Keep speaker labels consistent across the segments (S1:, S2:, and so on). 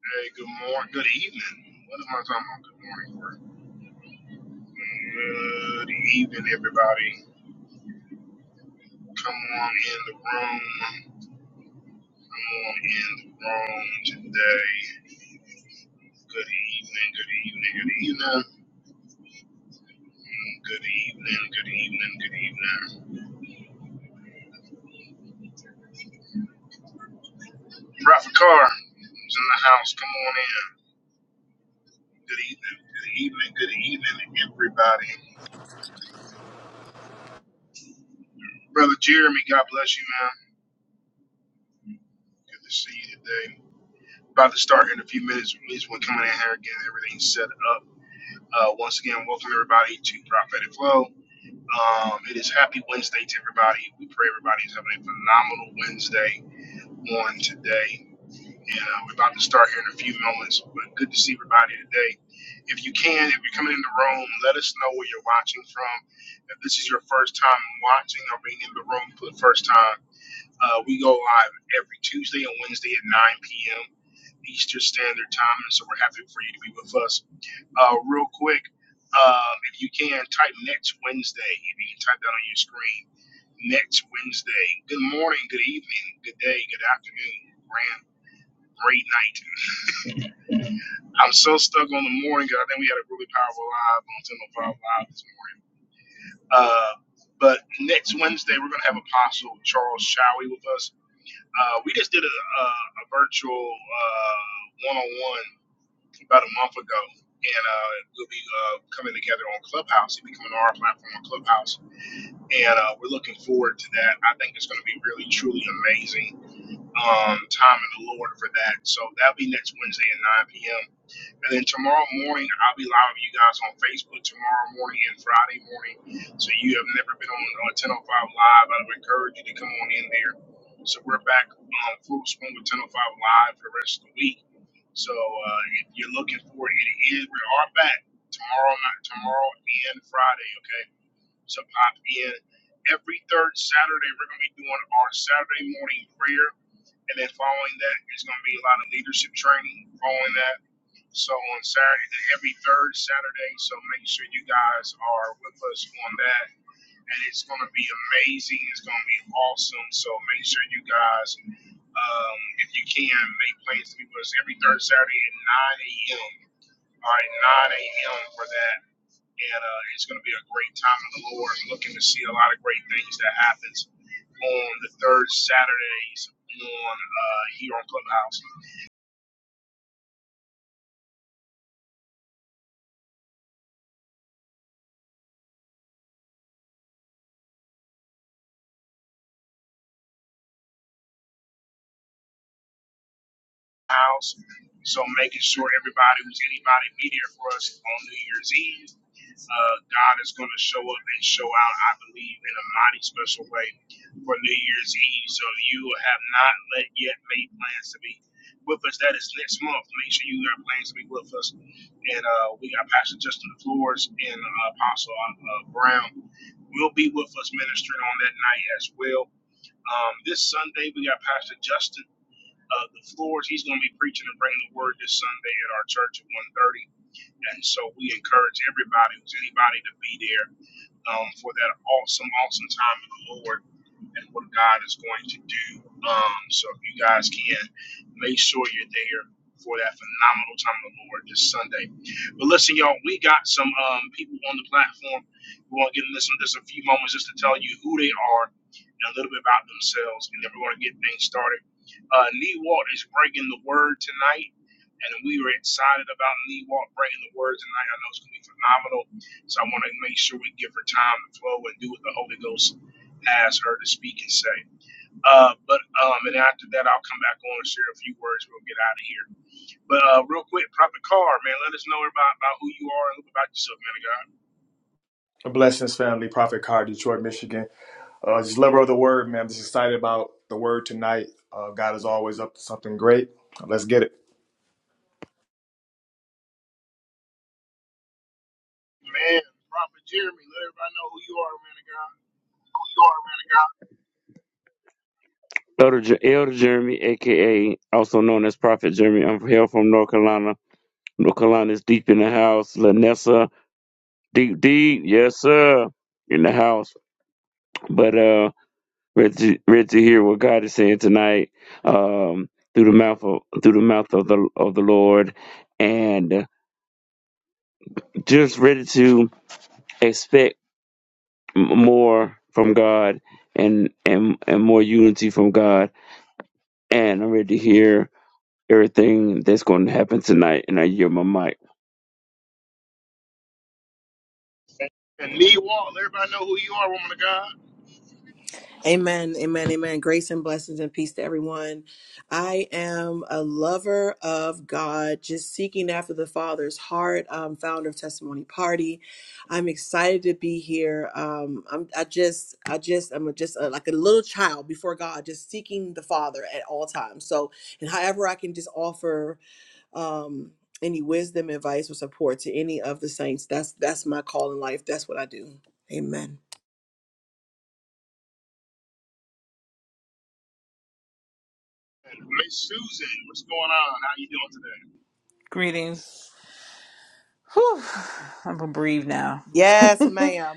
S1: Hey, good morning. Good evening. What am I talking about? Good morning. Work. Good evening, everybody. Come on in the room. Come on in the room today. Good evening. Good evening. Good evening. Mm, Good evening. Good evening. Good evening. Rafa Carr is in the house. Come on in. Good evening. Good evening. Good evening, everybody. Brother Jeremy, God bless you, man. Good to see you today. We're about to start in a few minutes. At least one coming in here again. Everything's set up. Uh, once again, welcome everybody to Prophetic Flow. Um, it is happy Wednesday to everybody. We pray everybody's having a phenomenal Wednesday on today. And uh, we're about to start here in a few moments. But good to see everybody today. If you can, if you're coming in the room, let us know where you're watching from. If this is your first time watching or being in the room for the first time, uh, we go live every Tuesday and Wednesday at 9 p.m. Eastern Standard Time, and so we're happy for you to be with us. Uh, real quick, um, if you can type next Wednesday, if you can type that on your screen, next Wednesday. Good morning, good evening, good day, good afternoon, grand, great night. I'm so stuck on the morning 'cause I think we had a really powerful live on 1005 Live this morning. Uh, but next Wednesday, we're going to have Apostle Charles Showie with us. Uh, we just did a, a, a virtual uh, one-on-one about a month ago, and uh, we'll be uh, coming together on Clubhouse. He'll be coming on our platform on Clubhouse, and uh, we're looking forward to that. I think it's going to be really, truly amazing um, time in the Lord for that. So that'll be next Wednesday at 9 p.m. And then tomorrow morning, I'll be live with you guys on Facebook tomorrow morning and Friday morning. So you have never been on, on 1005 Live, I would encourage you to come on in there. So we're back um, full swing with 1005 Live for the rest of the week so uh, if you're looking for it, it is we are back tomorrow night, tomorrow and Friday. Okay, so pop in every third Saturday. We're gonna be doing our Saturday morning prayer, and then following that is gonna be a lot of leadership training. Following that, so on Saturday, every third Saturday. So make sure you guys are with us on that and it's going to be amazing. It's going to be awesome. So make sure you guys, um, if you can, make plans to be with us every third Saturday at 9 a.m. All right, 9 a.m. for that. And uh, it's going to be a great time in the Lord. I'm looking to see a lot of great things that happens on the third Saturdays on uh, here on Clubhouse. house. So making sure everybody who's anybody be there for us on New Year's Eve. Uh, God is going to show up and show out, I believe, in a mighty special way for New Year's Eve. So if you have not let yet made plans to be with us, that is next month. Make sure you got plans to be with us. And uh, we got Pastor Justin Flores and uh, Apostle uh, Brown will be with us ministering on that night as well. Um, this Sunday, we got Pastor Justin uh, the floors. He's going to be preaching and bringing the word this Sunday at our church at 1.30. And so we encourage everybody, who's anybody, to be there um, for that awesome, awesome time in the Lord and what God is going to do. Um, so if you guys can, make sure you're there for that phenomenal time of the Lord this Sunday. But listen, y'all, we got some um, people on the platform who want to get listen just a few moments just to tell you who they are and a little bit about themselves, and then we're going to get things started. Uh, Lee Walt is bringing the word tonight and we were excited about Lee Walk bringing the words tonight. I know it's going to be phenomenal, so I want to make sure we give her time to flow and do what the Holy Ghost asks her to speak and say. Uh, but um, and after that, I'll come back on and share a few words. We'll get out of here. But uh, real quick, Prophet Carr, man, let us know about, about who you are and a about yourself, man of God.
S2: Blessings, family. Prophet Car, Detroit, Michigan. Uh, just lover of the word, man. I'm just excited about the word tonight. Uh, God is always up to something great. Let's get it.
S1: Man, Prophet Jeremy, let everybody know who you are, man of God.
S3: Elder, Jer- Elder Jeremy, aka also known as Prophet Jeremy, I'm here from North Carolina. North Carolina is deep in the house. Lanessa, deep, deep, yes sir, in the house. But uh, ready to, ready to hear what God is saying tonight um, through the mouth of through the mouth of the of the Lord, and just ready to expect m- more from God and and and more unity from God. And I'm ready to hear everything that's going to happen tonight, and I yield my mic.
S1: And Lee Wall, let everybody know who you are, woman of God.
S4: Amen, amen, amen. Grace and blessings and peace to everyone. I am a lover of God, just seeking after the Father's heart. I'm founder of Testimony Party. I'm excited to be here. Um, I'm, I just, I just, I'm just uh like a little child before God, just seeking the Father at all times. So, and however I can just offer um, any wisdom, advice, or support to any of the saints, that's that's my call in life. That's what I do. Amen.
S1: And Miss Susan, what's going on? How you doing today?
S5: Greetings. Whew, I'm gonna breathe now.
S4: Yes, ma'am.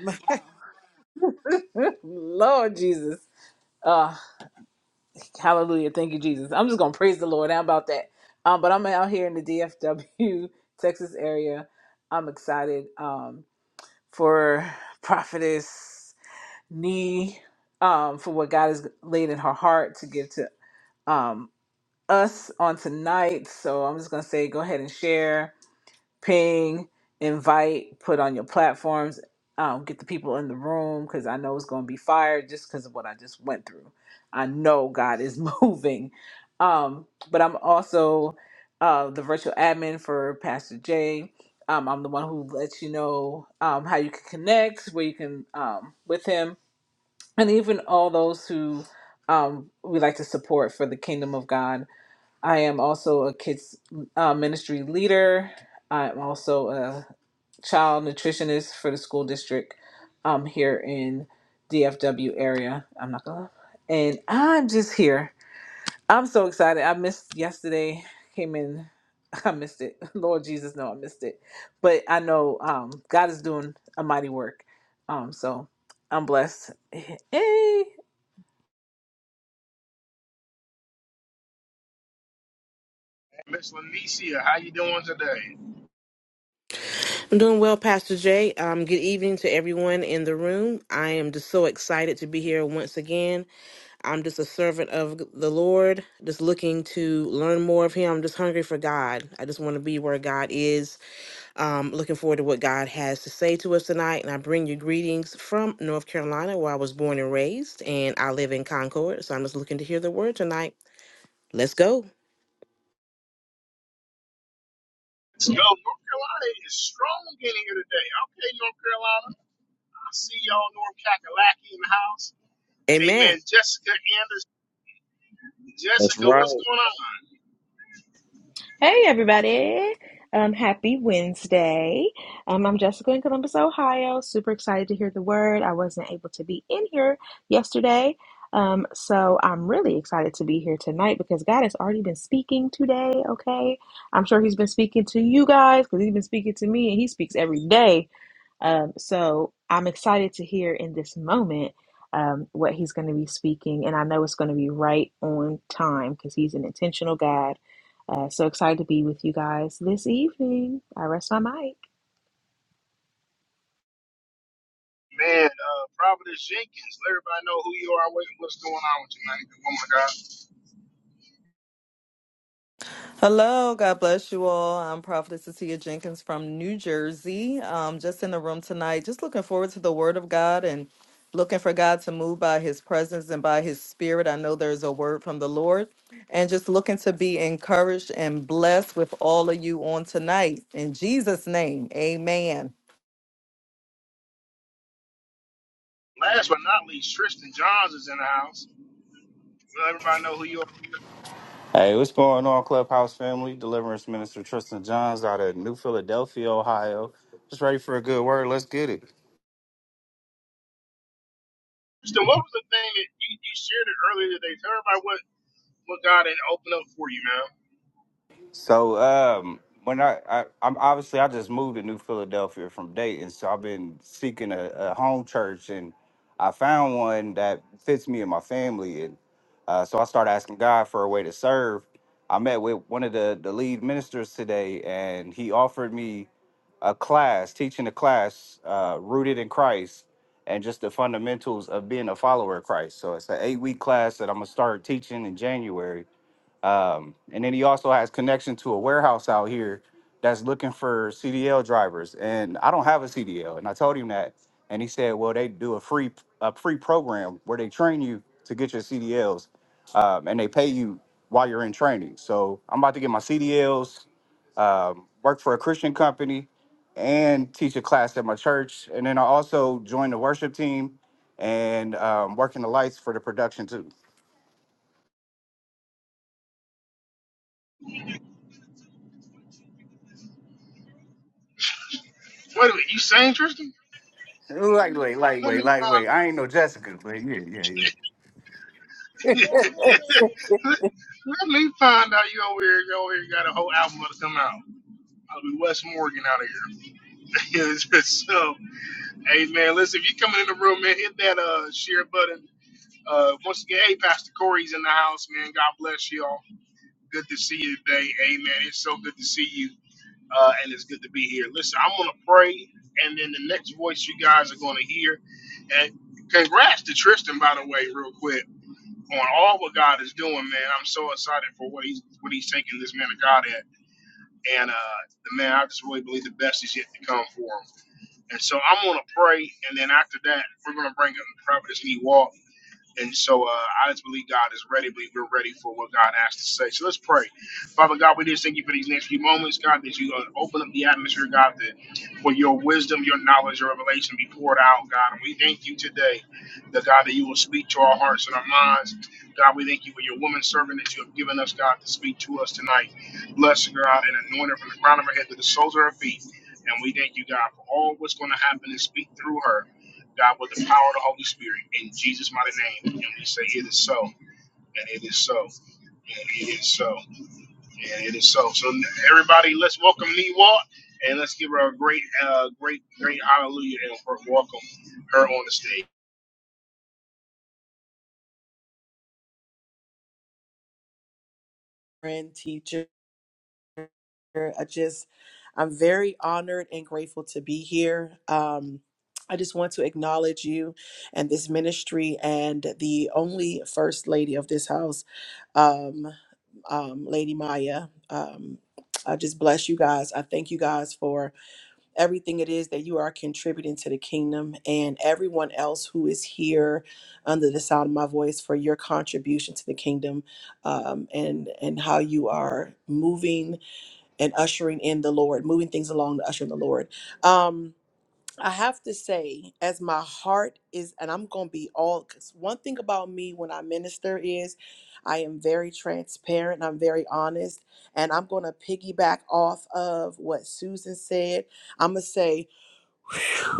S5: Lord Jesus. Uh, hallelujah. Thank you, Jesus. I'm just gonna praise the Lord. How about that? Um, but I'm out here in the DFW, Texas area. I'm excited um for Prophetess Nee, um, for what God has laid in her heart to give to um us on tonight. So I'm just gonna say go ahead and share. ping, invite, put on your platforms, um, get the people in the room because I know it's going to be fire just because of what I just went through. I know God is moving. Um, but I'm also uh, the virtual admin for Pastor Jay. Um, I'm the one who lets you know um, how you can connect, where you can um, with him, and even all those who um, we like to support for the kingdom of God I am also a kids uh, ministry leader. I'm also a child nutritionist for the school district um, here in DFW area. I'm not gonna, and I'm just here. I'm so excited. I missed yesterday. Came in, I missed it. Lord Jesus, no, I missed it. But I know um, God is doing a mighty work. Um, so I'm blessed.
S1: Miss Lanicia, how you doing today?
S6: I'm doing well, Pastor Jay. Um, good evening to everyone in the room. I am just so excited to be here once again. I'm just a servant of the Lord, just looking to learn more of Him. I'm just hungry for God. I just want to be where God is. Um, looking forward to what God has to say to us tonight. And I bring you greetings from North Carolina, where I was born and raised, and I live in Concord. So I'm just looking to hear the word tonight. Let's go.
S1: Let's go. North Carolina is strong in here today. Okay, North Carolina. I see y'all Norm Kakalaki in the house.
S6: Amen.
S1: Amen. Jessica Anderson.
S3: That's
S1: Jessica,
S3: right.
S1: what's going on?
S7: Hey everybody. Um, happy Wednesday. Um, I'm Jessica in Columbus, Ohio. Super excited to hear the word. I wasn't able to be in here yesterday. Um, so I'm really excited to be here tonight because God has already been speaking today, okay? I'm sure he's been speaking to you guys because he's been speaking to me and he speaks every day. Um, so I'm excited to hear in this moment um, what he's going to be speaking, and I know it's going to be right on time because he's an intentional God. Uh, so excited to be with you guys this evening. I rest my mic.
S1: Man, uh, Providence Jenkins. Let everybody know who you are. What, what's going on with you, man? Good woman of God.
S8: Hello, God bless you all. I'm Prophetess Cecilia Jenkins from New Jersey. Um, just in the room tonight, just looking forward to the Word of God and looking for God to move by His presence and by His Spirit. I know there's a word from the Lord, and just looking to be encouraged and blessed with all of you on tonight. In Jesus' name, Amen.
S1: Last but not least, Tristan Johns is in the house. Let everybody know who you are.
S9: Hey, what's going on, Clubhouse family? Deliverance Minister Tristan Johns out of New Philadelphia, Ohio. Just ready for a good word. Let's get it.
S1: Tristan, what was the thing that you, you shared it earlier today? Tell everybody what, what God had opened up for you, man.
S9: So, um, when I, I I'm obviously I just moved to New Philadelphia from Dayton, so I've been seeking a, a home church, and I found one that fits me and my family, and uh, so I started asking God for a way to serve. I met with one of the the lead ministers today, and he offered me. a class, teaching a class uh, rooted in Christ and just the fundamentals of being a follower of Christ. So it's an eight week class that I'm gonna start teaching in January um, and then he also has connection to a warehouse out here that's looking for CDL drivers. And I don't have a CDL, and I told him that. And he said, "Well, they do a free a free program where they train you to get your CDLs, um, and they pay you while you're in training." So I'm about to get my CDLs, um, work for a Christian company, and teach a class at my church. And then I also joined the worship team and um, working the lights for the production too.
S1: Wait a minute. You sang, Tristan?
S9: Lightweight,
S1: Let
S9: lightweight,
S1: me find
S9: lightweight. I ain't no Jessica, but yeah, yeah, yeah.
S5: Hey,
S1: Let me find out you over here, you over here got a whole album to come out. I'll be Wes Morgan out of here. so, hey man, listen, if you coming in the room, man, hit that uh share button. Uh, once again, hey Pastor Corey's in the house, man. God bless y'all. Good to see you today. Amen. It's so good to see you. Uh, and it's good to be here. Listen, I'm gonna pray, and then the next voice you guys are gonna hear. And congrats to Tristan, by the way, real quick on all what God is doing, man. I'm so excited for what he's what he's taking this man of God at. And uh the man, I just really believe the best is yet to come for him. And so I'm gonna pray and then after that we're gonna bring up Providence New York. And so uh, I just believe God is ready. I believe we're ready for what God has to say. So let's pray. Father God, we just thank you for these next few moments, God, that you uh, open up the atmosphere, God, that for your wisdom, your knowledge, your revelation be poured out, God. And we thank you today, the God, that you will speak to our hearts and our minds. God, we thank you for your woman servant that you have given us, God, to speak to us tonight. Bless her, God, and anoint her from the crown of her head to the soles of her feet. And we thank you, God, for all what's going to happen and speak through her. God, with the power of the Holy Spirit, in Jesus' mighty name. And we say, It is so, and it is so, and it is so, and it is so. So, everybody, let's welcome Niwa, and let's give her a great, uh, great, great hallelujah, and welcome her on the stage.
S4: friend, teacher. I just, I'm very honored and grateful to be here. Um, I just want to acknowledge you and this ministry and the only first lady of this house, um, um, Lady Maya. Um, I just bless you guys. I thank you guys for everything it is that you are contributing to the kingdom and everyone else who is here under the sound of my voice for your contribution to the kingdom um, and and how you are moving and ushering in the Lord, moving things along to usher in the Lord. Um, I have to say, as my heart is, and I'm going to be all, because one thing about me when I minister is I am very transparent, I'm very honest, and I'm going to piggyback off of what Susan said. I'm going to say,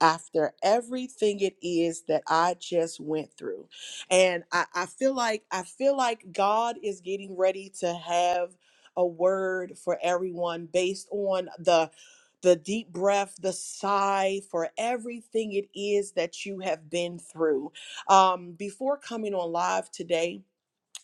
S4: after everything it is that I just went through. And I, I feel like I feel like God is getting ready to have a word for everyone based on the the deep breath, the sigh for everything it is that you have been through. Um, before coming on live today,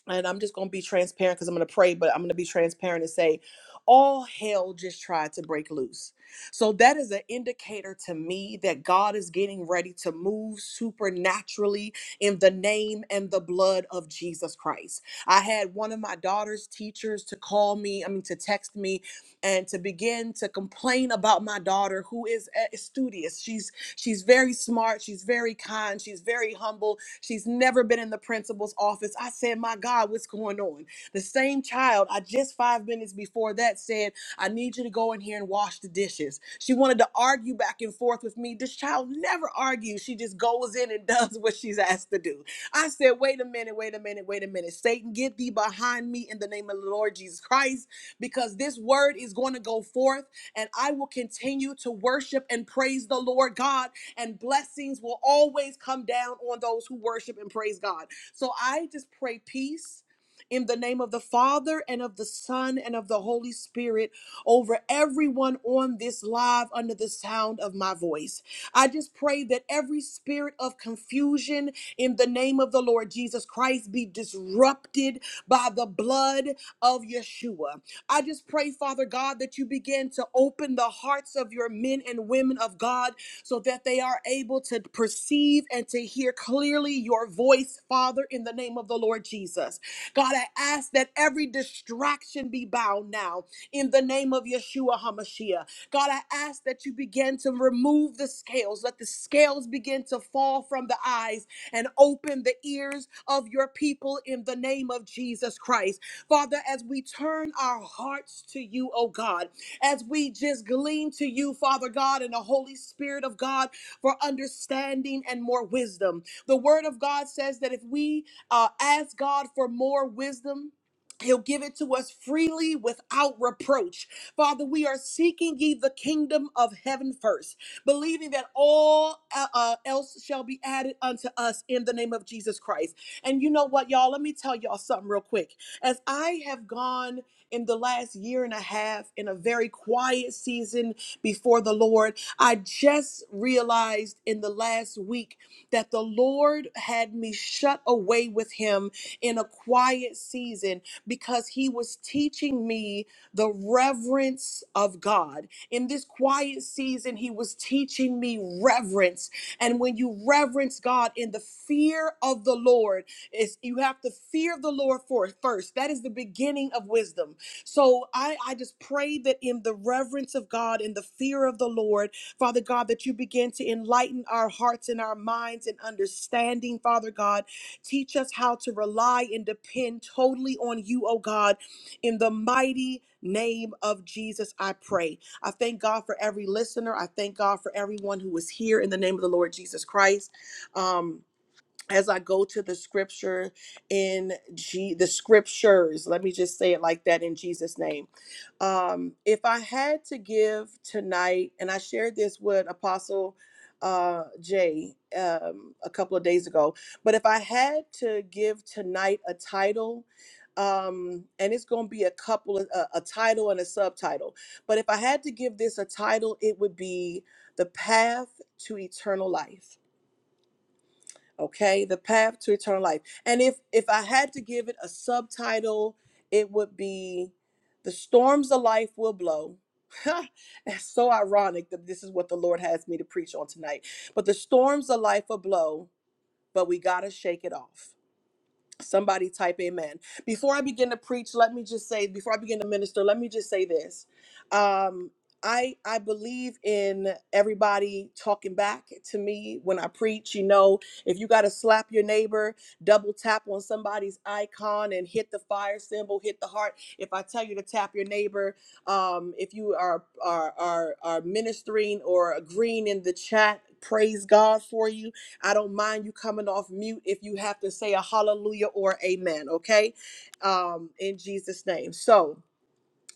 S4: and I'm just going to be transparent because I'm going to pray, but I'm going to be transparent and say, all hell just tried to break loose. So that is an indicator to me that God is getting ready to move supernaturally in the name and the blood of Jesus Christ. I had one of my daughter's teachers to call me, I mean, to text me and to begin to complain about my daughter who is uh, studious. She's she's very smart, she's very kind, she's very humble, She's never been in the principal's office. I said, My God, what's going on? The same child, I just five minutes before that said, I need you to go in here and wash the dishes. She wanted to argue back and forth with me. This child never argues. She just goes in and does what she's asked to do. I said, Wait a minute, wait a minute, wait a minute. Satan, get thee behind me in the name of the Lord Jesus Christ, because this word is going to go forth and I will continue to worship and praise the Lord God and blessings will always come down on those who worship and praise God. So I just pray peace. In the name of the Father and of the Son and of the Holy Spirit, over everyone on this live under the sound of my voice. I just pray that every spirit of confusion in the name of the Lord Jesus Christ be disrupted by the blood of Yeshua. I just pray, Father God, that you begin to open the hearts of your men and women of God so that they are able to perceive and to hear clearly your voice, Father, in the name of the Lord Jesus. God, I ask that every distraction be bound now in the name of Yeshua HaMashiach. God, I ask that you begin to remove the scales. Let the scales begin to fall from the eyes and open the ears of your people in the name of Jesus Christ. Father, as we turn our hearts to you, oh God as we just glean to you, Father God, and the Holy Spirit of God for understanding and more wisdom. The Word of God says that if we uh, ask God for more wisdom, He'll give it to us freely without reproach. Father, we are seeking ye the kingdom of heaven first, believing that all uh, uh, else shall be added unto us in the name of Jesus Christ. And you know what, y'all? Let me tell y'all something real quick. As I have gone in the last year and a half in a very quiet season before the Lord. I just realized in the last week that the Lord had me shut away with Him in a quiet season because He was teaching me the reverence of God. In this quiet season, He was teaching me reverence. And when you reverence God in the fear of the Lord, is you have to fear the Lord for first. That is the beginning of wisdom. So I, I just pray that in the reverence of God, in the fear of the Lord, Father God, that you begin to enlighten our hearts and our minds and understanding, Father God. Teach us how to rely and depend totally on you, oh God, in the mighty name of Jesus, I pray. I thank God for every listener. I thank God for everyone who is here in the name of the Lord Jesus Christ. Um, as I go to the scripture in G, the scriptures, let me just say it like that in Jesus' name. Um, if I had to give tonight, and I shared this with Apostle uh, Jay um, a couple of days ago, but if I had to give tonight a title, um, and it's going to be a couple of a, a title and a subtitle, but if I had to give this a title, it would be The Path to Eternal Life okay the path to eternal life and if if i had to give it a subtitle it would be the storms of life will blow it's so ironic that this is what the lord has me to preach on tonight but the storms of life will blow but we gotta shake it off Somebody type amen. Before I begin to preach, let me just say, before I begin to minister, let me just say this. Um, I I believe in everybody talking back to me when I preach. You know, if you gotta slap your neighbor, double tap on somebody's icon and hit the fire symbol, hit the heart. If I tell you to tap your neighbor, um, if you are are are are ministering or agreeing in the chat, praise God for you I don't mind you coming off mute if you have to say a hallelujah or amen, okay? Um, in Jesus' name. So,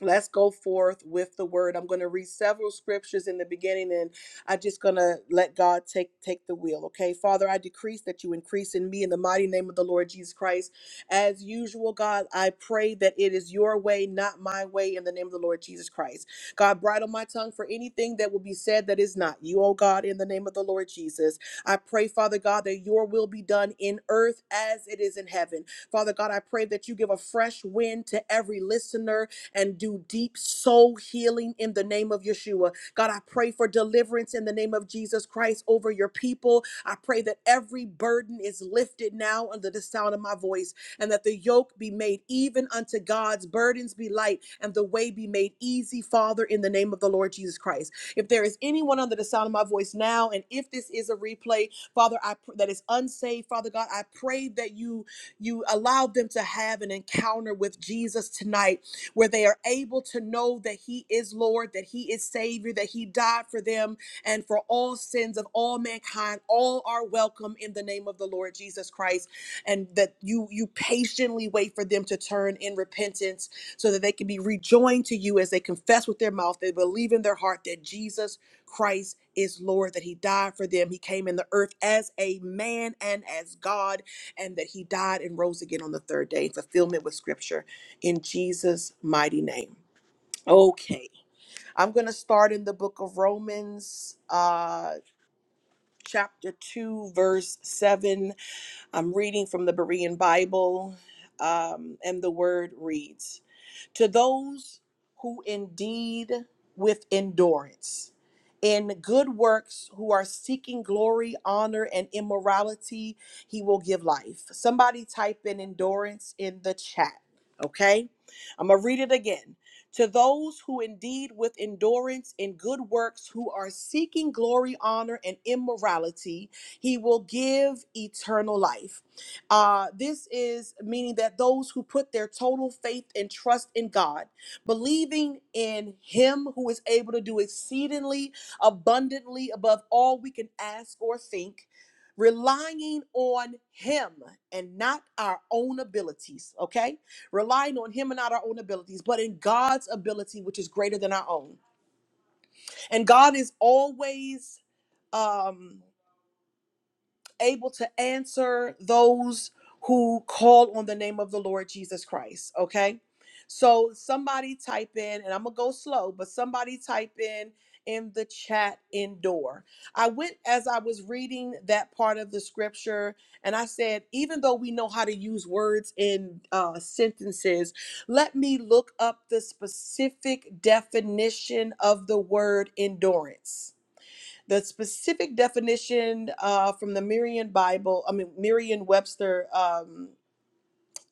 S4: let's go forth with the word i'm going to read several scriptures in the beginning and i'm just going to let god take take the wheel okay father i decrease that you increase in me in the mighty name of the lord jesus christ as usual god i pray that it is your way not my way in the name of the lord jesus christ god bridle my tongue for anything that will be said that is not you oh god in the name of the lord jesus i pray father god that your will be done in earth as it is in heaven father god i pray that you give a fresh wind to every listener and do deep soul healing in the name of Yeshua. God, I pray for deliverance in the name of Jesus Christ over your people. I pray that every burden is lifted now under the sound of my voice and that the yoke be made even unto God's burdens be light and the way be made easy, Father, in the name of the Lord Jesus Christ. If there is anyone under the sound of my voice now, and if this is a replay, Father, I pr- that is unsaved, Father God, I pray that you you allow them to have an encounter with Jesus tonight where they are able to know that He is Lord, that He is Savior, that He died for them and for all sins of all mankind. All are welcome in the name of the Lord Jesus Christ, and that you you patiently wait for them to turn in repentance so that they can be rejoined to you as they confess with their mouth, they believe in their heart that Jesus Christ is Lord, that He died for them. He came in the earth as a man and as God, and that He died and rose again on the third day, in fulfillment with Scripture in Jesus' mighty name. Okay, I'm going to start in the book of Romans, uh, chapter 2, verse 7. I'm reading from the Berean Bible, um, and the word reads to those who indeed with endurance in good works who are seeking glory honor and immorality he will give life somebody type in endurance in the chat okay i'm gonna read it again to those who indeed with endurance in good works who are seeking glory honor and immorality he will give eternal life uh, this is meaning that those who put their total faith and trust in God, believing in Him who is able to do exceedingly abundantly above all we can ask or think, relying on Him and not our own abilities, okay? Relying on Him and not our own abilities, but in God's ability, which is greater than our own. And God is always. Um, able to answer those who call on the name of the Lord Jesus Christ. Okay. So somebody type in, and I'm going to go slow, but somebody type in in the chat endure. I went as I was reading that part of the scripture, and I said, even though we know how to use words in uh, sentences, let me look up the specific definition of the word endurance the specific definition uh, from the Merriam Bible, I mean Merriam-Webster um,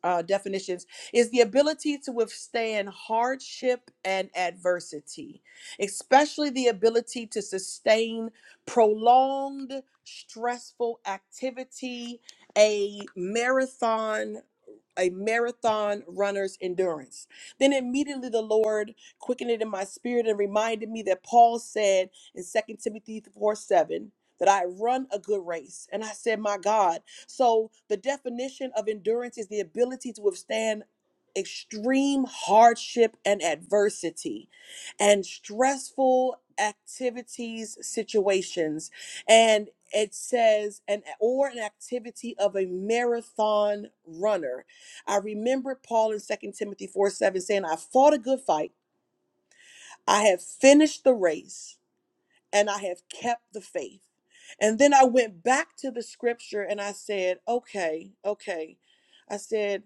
S4: uh, definitions is the ability to withstand hardship and adversity, especially the ability to sustain prolonged stressful activity, a marathon a marathon runner's endurance. Then immediately the Lord quickened it in my spirit and reminded me that Paul said in Second Timothy 4 7 that I run a good race. And I said, My God, so, the definition of endurance is the ability to withstand extreme hardship and adversity and stressful activities, situations. And it says an or an activity of a marathon runner. I remember Paul in Second Timothy 4 7 saying, I fought a good fight. I have finished the race and I have kept the faith. And then I went back to the scripture and I said, okay, okay. I said,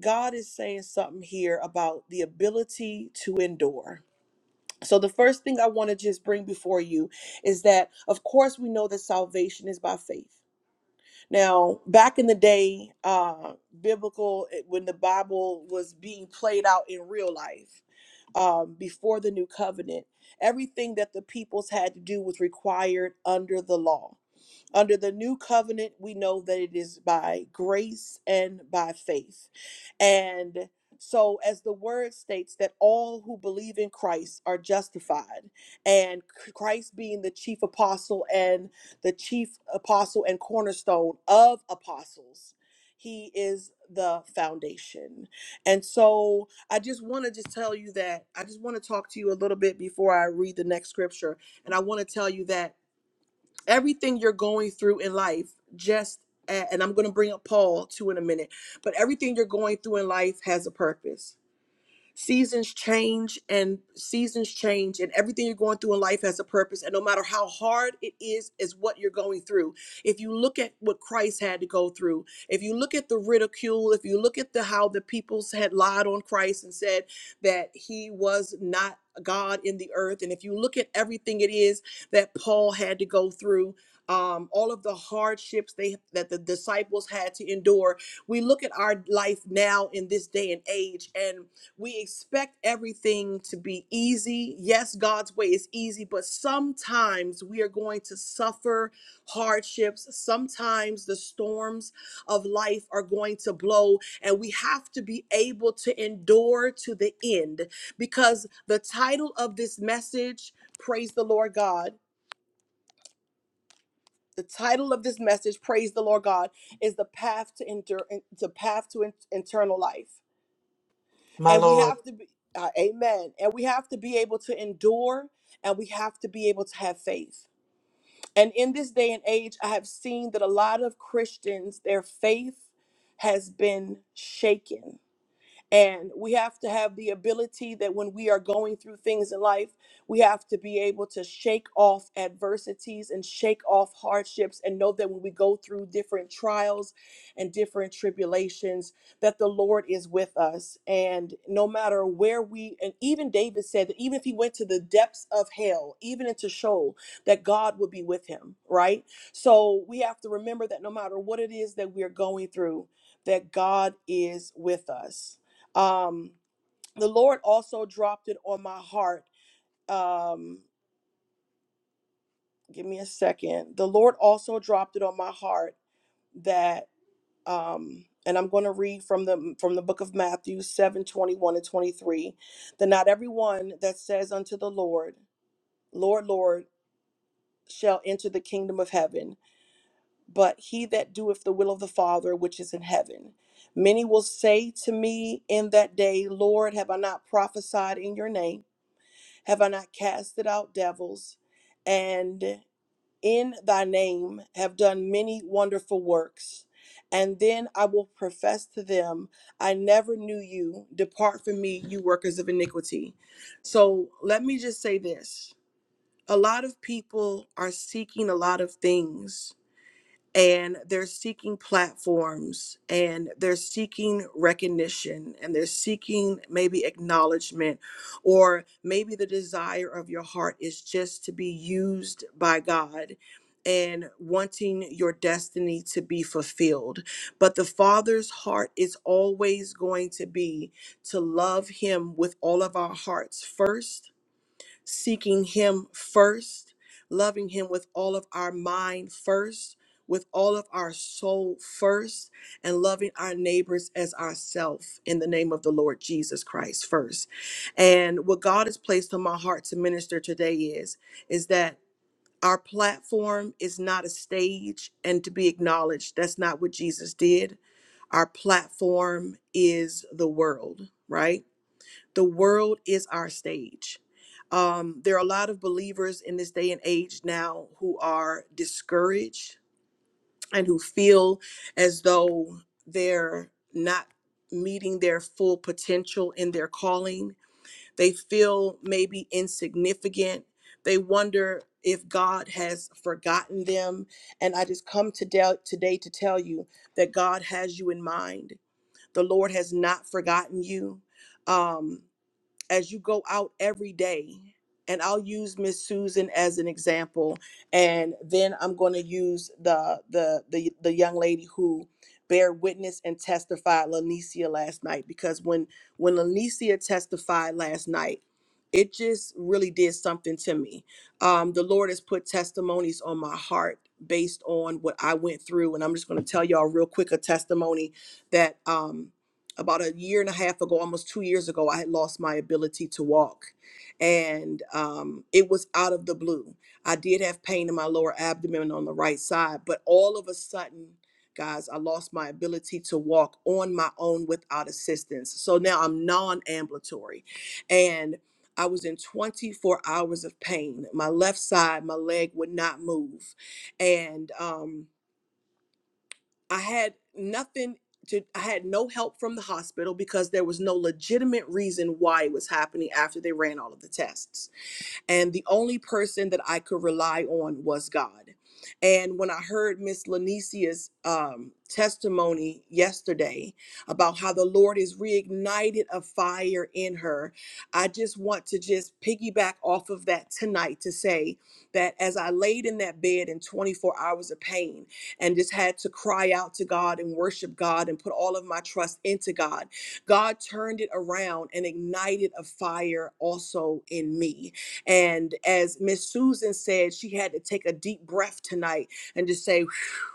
S4: God is saying something here about the ability to endure. So, the first thing I want to just bring before you is that, of course, we know that salvation is by faith. Now, back in the day, uh, biblical, eh, when the Bible was being played out in real life, um, before the new covenant, everything that the peoples had to do was required under the law under the new covenant, we know that it is by grace and by faith. And so, as the word states, that all who believe in Christ are justified, and Christ being the chief apostle and the chief apostle and cornerstone of apostles, he is the foundation. And so, I just want to just tell you that I just want to talk to you a little bit before I read the next scripture. And I want to tell you that everything you're going through in life just a- and i'm going to bring up paul too in a minute but everything you're going through in life has a purpose seasons change and seasons change and everything you're going through in life has a purpose and no matter how hard it is is what you're going through if you look at what christ had to go through if you look at the ridicule if you look at the how the peoples had lied on christ and said that he was not god in the earth and if you look at everything it is that paul had to go through um, all of the hardships they that the disciples had to endure we look at our life now in this day and age and we expect everything to be easy. Yes, God's way is easy, but sometimes we are going to suffer hardships. Sometimes the storms of life are going to blow, and we have to be able to endure to the end because the title of this message, Praise the Lord God. The title of this message, Praise the Lord God, is the path to endure, the path to in- eternal life
S6: My
S4: and we
S6: Lord.
S4: have to be uh, amen and we have to be able to endure and we have to be able to have faith and in this day and age i have seen that a lot of christians their faith has been shaken and we have to have the ability that when we are going through things in life, we have to be able to shake off adversities and shake off hardships and know that when we go through different trials and different tribulations, that the Lord is with us. And no matter where we, and even David said that even if he went to the depths of hell, even into Sheol, that God would be with him, right? So we have to remember that no matter what it is that we are going through, that God is with us. Um, the Lord also dropped it on my heart. Um, give me a second. The Lord also dropped it on my heart that, um, and I'm going to read from the from the book of Matthew 7 21 and 23, that not everyone that says unto the Lord, Lord, Lord, shall enter the kingdom of heaven, but he that doeth the will of the Father which is in heaven. Many will say to me in that day, Lord, have I not prophesied in your name? Have I not casted out devils? And in thy name have done many wonderful works. And then I will profess to them, I never knew you. Depart from me, you workers of iniquity. So let me just say this a lot of people are seeking a lot of things and they're seeking platforms and they're seeking recognition and they're seeking maybe acknowledgement or maybe the desire of your heart is just to be used by God and wanting your destiny to be fulfilled. But the Father's heart is always going to be to love Him with all of our hearts first seeking Him first, loving Him with all of our mind first, with all of our soul first, and loving our neighbors as ourselves in the name of the Lord Jesus Christ first. And what God has placed on my heart to minister today is is that our platform is not a stage and to be acknowledged. That's not what Jesus did. Our platform is the world, right? the world is our stage. Um, there are a lot of believers in this day and age now who are discouraged and who feel as though they're not meeting their full potential in their calling. They feel maybe insignificant. They wonder if God has forgotten them. And I just come to del- today to tell you that God has you in mind. The Lord has not forgotten you. Um, as you go out every day and i'll use miss susan as an example and then i'm going to use the, the the the young lady who bear witness and testified lanicia last night because when when lanicia testified last night it just really did something to me um, the lord has put testimonies on my heart based on what i went through and i'm just going to tell y'all real quick a testimony that um, about a year and a half ago, almost two years ago, I had lost my ability to walk. And um, it was out of the blue. I did have pain in my lower abdomen on the right side, but all of a sudden, guys, I lost my ability to walk on my own without assistance. So now I'm non ambulatory. And I was in 24 hours of pain. My left side, my leg would not move. And, um, I had nothing to I had no help from the hospital because there was no legitimate reason why it was happening after they ran all of the tests and the only person that I could rely on was God. And when I heard Miss Lanicia's um, testimony yesterday about how the Lord has reignited a fire in her, I just want to just piggyback off of that tonight to say that as I laid in that bed in 24 hours of pain and just had to cry out to God and worship God and put all of my trust into God, God turned it around and ignited a fire also in me. And as Miss Susan said, she had to take a deep breath tonight and just say, "Whew,"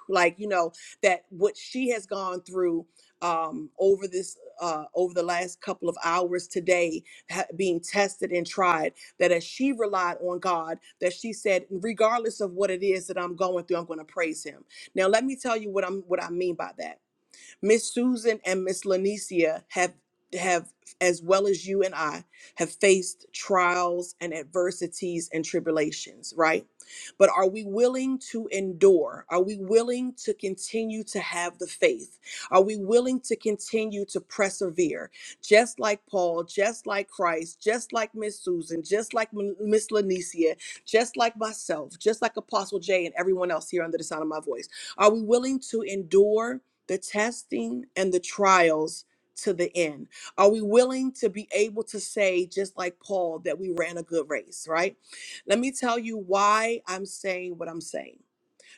S4: like, you know, that what she has gone through um, over this, uh, over the last couple of hours today, ha- being tested and tried, that as she relied on God, that she said, regardless of what it is that I'm going through, I'm going to praise Him. Now, let me tell you what I'm, what I mean by that Miss Susan and Miss Lanicia have have as well as you and I have faced trials and adversities and tribulations, right? But are we willing to endure? Are we willing to continue to have the faith? Are we willing to continue to persevere? Just like Paul, just like Christ, just like Miss Susan, just like M- Miss Lanicia, just like myself, just like Apostle Jay and everyone else here under the sound of my voice. Are we willing to endure? the testing and the trials to the end? Are we willing to be able to say, just like Paul, that we ran a good race, right? Let me tell you why I'm saying what I'm saying.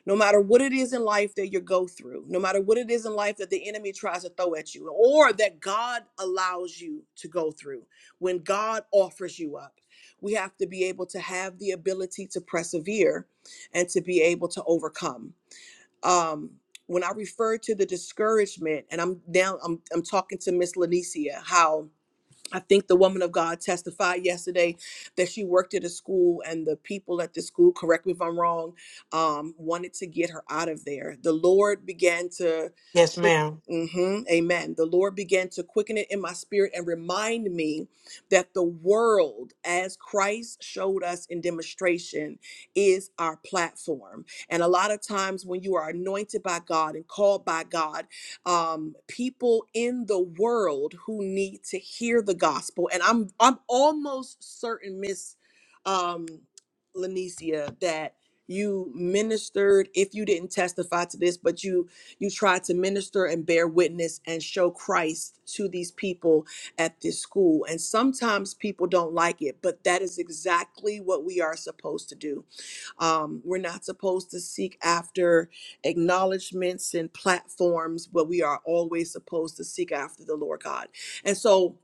S4: No matter what it is in life that you go through, no matter what it is in life that the enemy tries to throw at you, or that God allows you to go through, when God offers you up, we have to be able to have the ability to persevere and to be able to overcome um, when I refer to the discouragement, and I'm now I'm I'm talking to Miss Lanicia, how I think the woman of God testified yesterday that she worked at a school, and the people at the school, correct me if I'm wrong, um, wanted to get her out of there. The Lord began to
S6: Yes,
S4: quick.
S6: ma'am.
S4: hmm amen. The Lord began to quicken it in my spirit and remind me that the world, as Christ showed us in demonstration, is our platform. And a lot of times, when you are anointed by God and called by God, um, people in the world who need to hear the gospel. And I'm I'm almost certain, Miss um, Lanicia, that you ministered. If you didn't testify to this, but you you tried to minister and bear witness and show Christ to these people at this school. And sometimes people don't like it, but that is exactly what we are supposed to do um, we're not supposed to seek after acknowledgments and platforms, but we are always supposed to seek after the Lord God. And so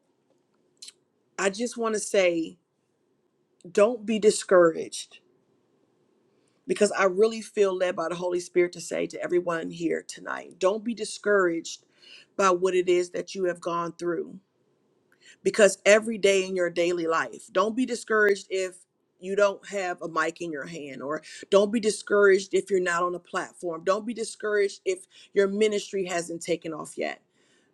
S4: I just want to say, don't be discouraged because I really feel led by the Holy Spirit to say to everyone here tonight, don't be discouraged by what it is that you have gone through because every day in your daily life, don't be discouraged if you don't have a mic in your hand, or don't be discouraged if you're not on a platform. Don't be discouraged if your ministry hasn't taken off yet,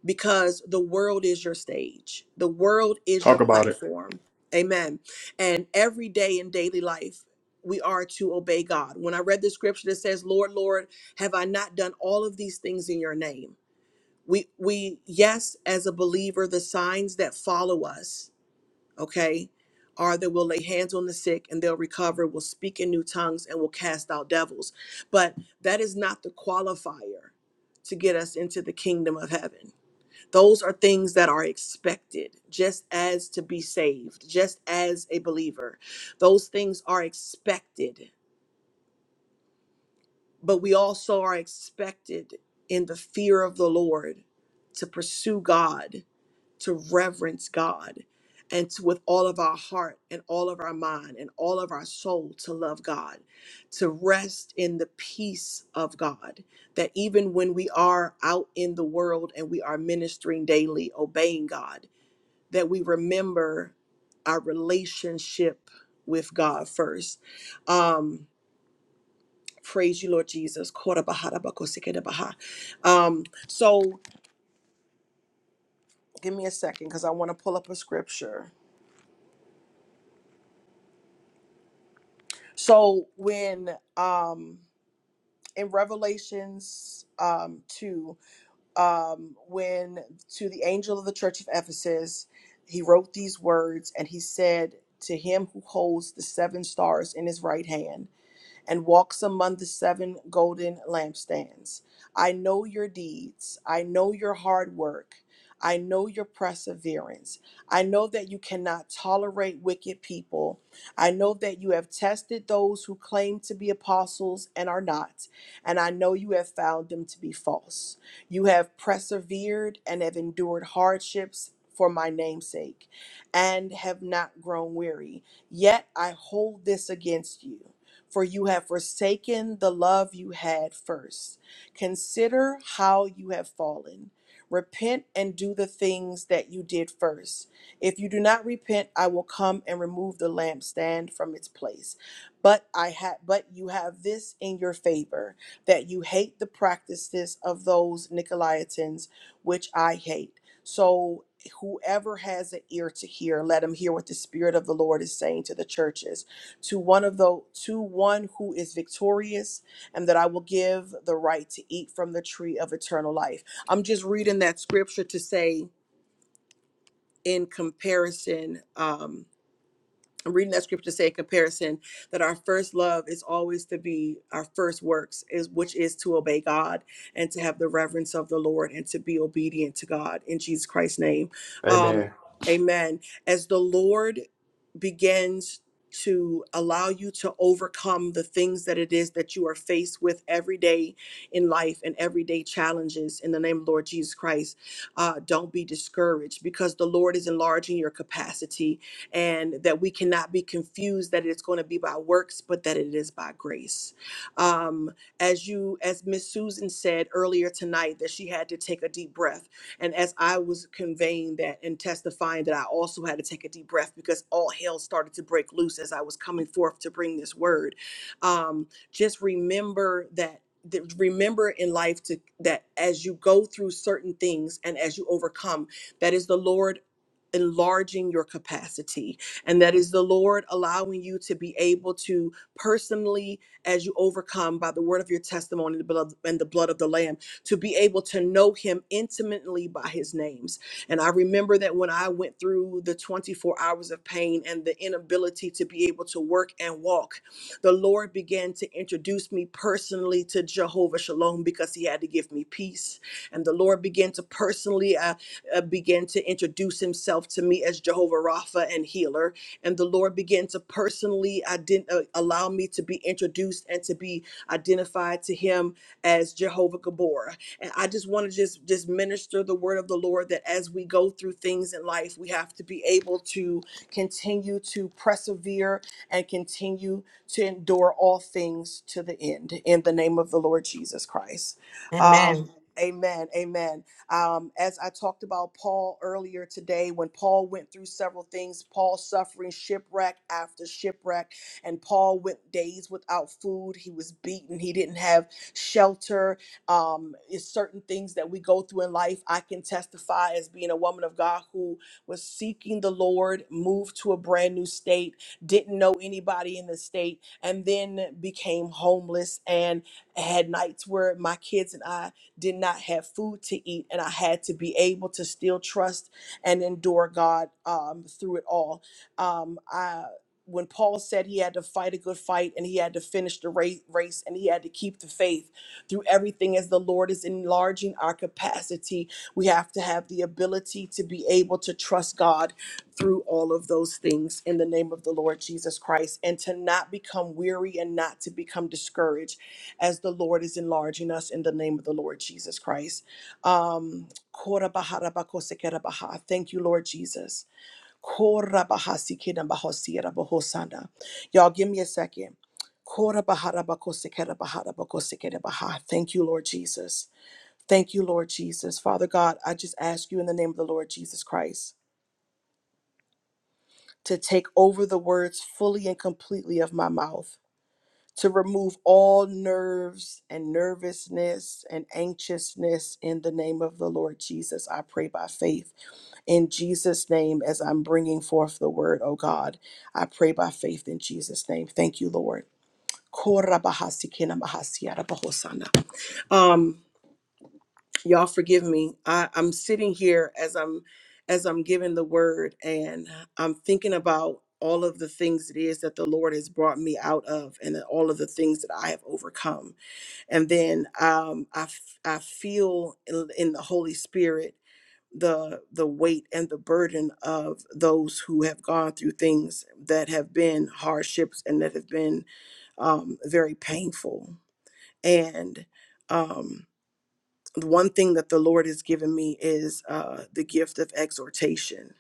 S4: because the world is your stage, the world is your
S2: Talk about it.
S4: platform. Amen. And every day in daily life, we are to obey God. When I read the scripture that says, Lord, Lord, have I not done all of these things in your name? we we yes as a believer the signs that follow us okay are that we'll lay hands on the sick and they'll recover we'll speak in new tongues and we'll cast out devils but that is not the qualifier to get us into the kingdom of heaven those are things that are expected just as to be saved just as a believer those things are expected but we also are expected in the fear of the lord to pursue god to reverence God and to, with all of our heart and all of our mind and all of our soul to love God, to rest in the peace of God. That even when we are out in the world and we are ministering daily, obeying God, that we remember our relationship with God first. Um, praise you, Lord Jesus. Kora bahara bakosikere baha. Um, so give me a second because I want to pull up a scripture. So when um in Revelations um 2 um when to the angel of the church of Ephesus he wrote these words and he said to him who holds the seven stars in his right hand and walks among the seven golden lampstands. I know your deeds. I know your hard work. I know your perseverance. I know that you cannot tolerate wicked people. I know that you have tested those who claim to be apostles and are not, and I know you have found them to be false. You have persevered and have endured hardships for my name's sake and have not grown weary. Yet I hold this against you for you have forsaken the love you had first. Consider how you have fallen. Repent and do the things that you did first. If you do not repent, I will come and remove the lampstand from its place. But I have but you have this in your favor that you hate the practices of those Nicolaitans which I hate. So whoever has an ear to hear, let him hear what the Spirit of the Lord is saying to the churches to one of the to one who is victorious and that I will give the right to eat from the tree of eternal life. I'm just reading that scripture to say in comparison um, I'm reading that scripture to say a comparison that our first love is always to be our first works is which is to obey God and to have the reverence of the Lord and to be obedient to God in Jesus Christ's name.
S2: Amen.
S4: Um amen. As the Lord begins to allow you to overcome the things that it is that you are faced with every day in life and everyday challenges in the name of Lord Jesus Christ. Uh, don't be discouraged because the Lord is enlarging your capacity and that we cannot be confused that it's going to be by works, but that it is by grace. Um, as you, as Miss Susan said earlier tonight, that she had to take a deep breath, and as I was conveying that and testifying that I also had to take a deep breath because all hell started to break loose as I was coming forth to bring this word. Um, just remember that that remember in life to that as you go through certain things and as you overcome that is the lord enlarging your capacity. And that is the Lord allowing you to be able to personally, as you overcome by the word of your testimony and the blood- and the blood of the Lamb, to be able to know Him intimately by His names. And I remember that when I went through the 24 hours of pain and the inability to be able to work and walk, the Lord began to introduce me personally to Jehovah Shalom because He had to give me peace. And the Lord began to personally uh, uh, begin to introduce Himself to me as Jehovah Rapha and healer. And the Lord began to personally ident- uh, allow me to be introduced and to be identified to Him as Jehovah Gabor. And I just want to just just minister the word of the Lord that as we go through things in life, we have to be able to continue to persevere and continue to endure all things to the end in the name of the Lord Jesus Christ.
S6: Amen.
S4: Um, amen. Amen. Um, as I talked about Paul earlier today, when Paul went through several things, Paul suffering shipwreck after shipwreck, and Paul went days without food. He was beaten. He didn't have shelter. Um, it's certain things that we go through in life. I can testify as being a woman of God who was seeking the Lord, moved to a brand new state didn't know anybody in the state, and then became homeless and had nights where my kids and I did not have food to eat, and I had to be able to still trust and endure God um, through it all. Um, I when Paul said he had to fight a good fight and he had to finish the race, race and he had to keep the faith through everything as the Lord is enlarging our capacity, we have to have the ability to be able to trust God through all of those things in the name of the Lord Jesus Christ and to not become weary and not to become discouraged as the Lord is enlarging us in the name of the Lord Jesus Christ. Um, Korabaharabakosekerabaha. thank you, Lord Jesus. Korabahasikedabahosierabahosana. Y'all, give me a second. Korabaharabakosekerabaharabakosekarebaha. Thank you, Lord Jesus. Thank you, Lord Jesus. Father God, I just ask you in the name of the Lord Jesus Christ to take over the words fully and completely of my mouth, to remove all nerves and nervousness and anxiousness in the name of the Lord Jesus. I pray by faith in Jesus' name as I'm bringing forth the word, oh God. I pray by faith in Jesus' name. Thank you, Lord. Um, y'all forgive me I, i'm sitting here as i'm as i'm giving the word and i'm thinking about all of the things it is that the lord has brought me out of and then all of the things that i have overcome and then um, I, f- I feel in in the holy spirit the the weight and the burden of those who have gone through things that have been hardships and that have been um, very painful and um, the one thing that the Lord has given me is uh, the gift of exhortation,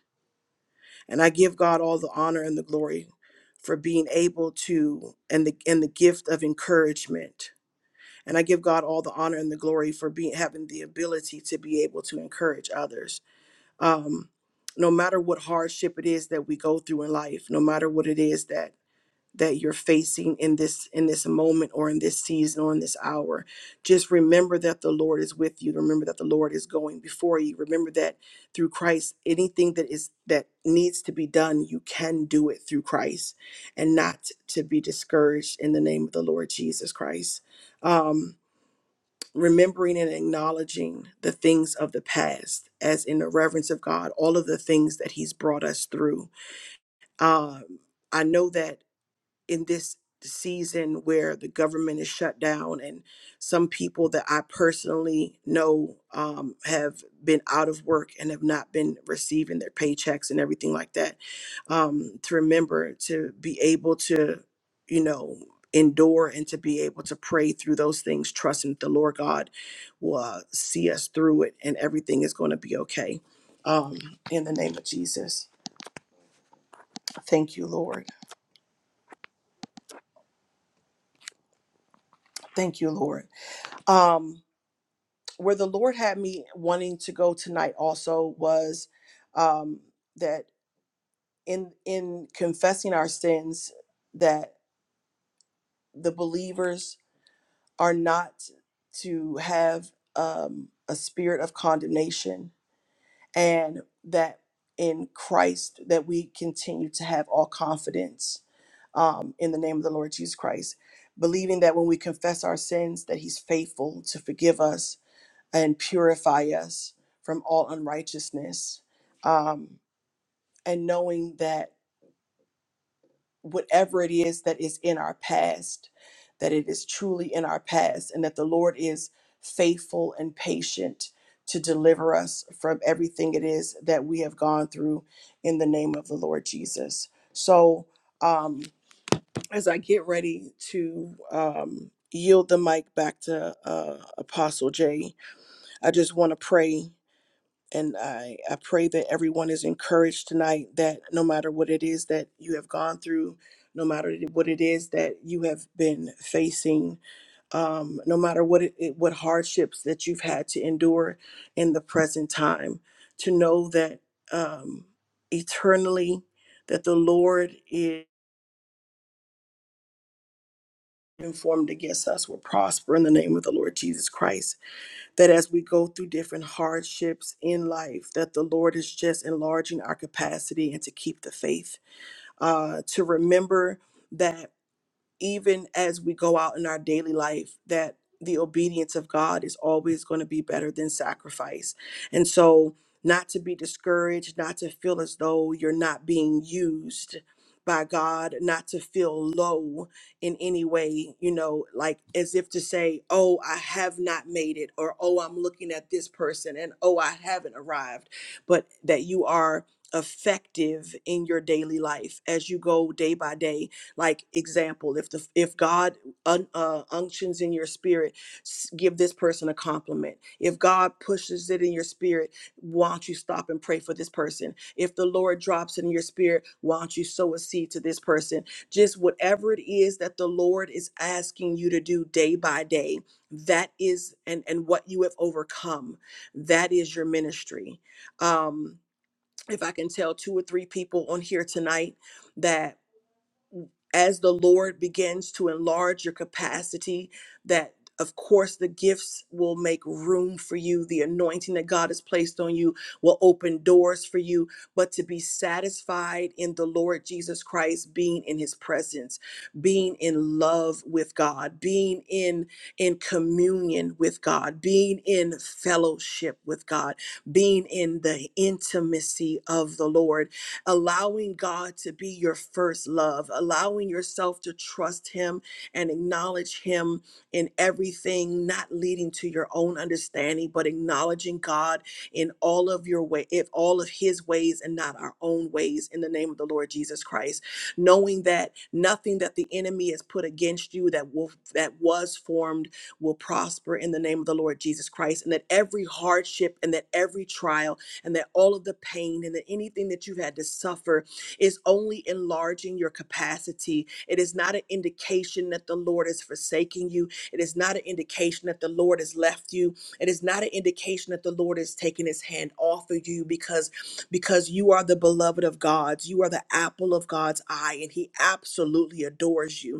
S4: and I give God all the honor and the glory for being able to, and the and the gift of encouragement, and I give God all the honor and the glory for being having the ability to be able to encourage others. Um, no matter what hardship it is that we go through in life, no matter what it is that that you're facing in this in this moment or in this season or in this hour just remember that the lord is with you remember that the lord is going before you remember that through christ anything that is that needs to be done you can do it through christ and not to be discouraged in the name of the lord jesus christ um remembering and acknowledging the things of the past as in the reverence of god all of the things that he's brought us through um I know that in this season where the government is shut down and some people that I personally know um, have been out of work and have not been receiving their paychecks and everything like that. Um, to remember to be able to, you know, endure and to be able to pray through those things, trusting that the Lord God will uh, see us through it and everything is going to be okay. Um, in the name of Jesus. Thank you, Lord. Thank you, Lord. Um, where the Lord had me wanting to go tonight also was um, that in in confessing our sins, that the believers are not to have um, a spirit of condemnation, and that in Christ that we continue to have all confidence um, in the name of the Lord Jesus Christ, believing that when we confess our sins, that He's faithful to forgive us and purify us from all unrighteousness. Um, and knowing that whatever it is that is in our past, that it is truly in our past, and that the Lord is faithful and patient to deliver us from everything it is that we have gone through in the name of the Lord Jesus. So, um, as I get ready to um, yield the mic back to uh, Apostle Jay, I just want to pray and I, I pray that everyone is encouraged tonight that no matter what it is that you have gone through no matter what it is that you have been facing um, no matter what it, it- what hardships that you've had to endure in the present time to know that um, eternally that the lord is informed against us will prosper in the name of the lord jesus christ that as we go through different hardships in life that the lord is just enlarging our capacity and to keep the faith uh, to remember that even as we go out in our daily life, that the obedience of God is always going to be better than sacrifice. And so, not to be discouraged, not to feel as though you're not being used by God, not to feel low in any way, you know, like as if to say, oh, I have not made it, or oh, I'm looking at this person, and oh, I haven't arrived, but that you are effective in your daily life as you go day by day like example if the if god un, uh, unctions in your spirit s- give this person a compliment if god pushes it in your spirit why don't you stop and pray for this person if the lord drops it in your spirit why don't you sow a seed to this person just whatever it is that the lord is asking you to do day by day that is and and what you have overcome that is your ministry um if i can tell two or three people on here tonight that as the Lord begins to enlarge your capacity, that of course the gifts will make room for you. The anointing that God has placed on you will open doors for you. But to be satisfied in the Lord Jesus Christ, being in his presence, being in love with God, being in, in communion with God, being in fellowship with God, being in the intimacy of the Lord allowing God to be your first love, allowing yourself to trust Him and acknowledge Him in everything, not leading to your own understanding, but acknowledging God in all of your way, if all of His ways and not our own ways, in the name of the Lord Jesus Christ, knowing that nothing that the enemy has put against you that will that was formed will prosper in the name of the Lord Jesus Christ, and that every hardship and that every trial and that all of the pain and that anything that you've had to suffer is only enlarging your capacity. It is not an indication that the Lord is forsaking you. It is not an indication that the Lord has left you. It is not an indication that the Lord is taking his hand off of you because because you are the beloved of God's. You are the apple of God's eye and he absolutely adores you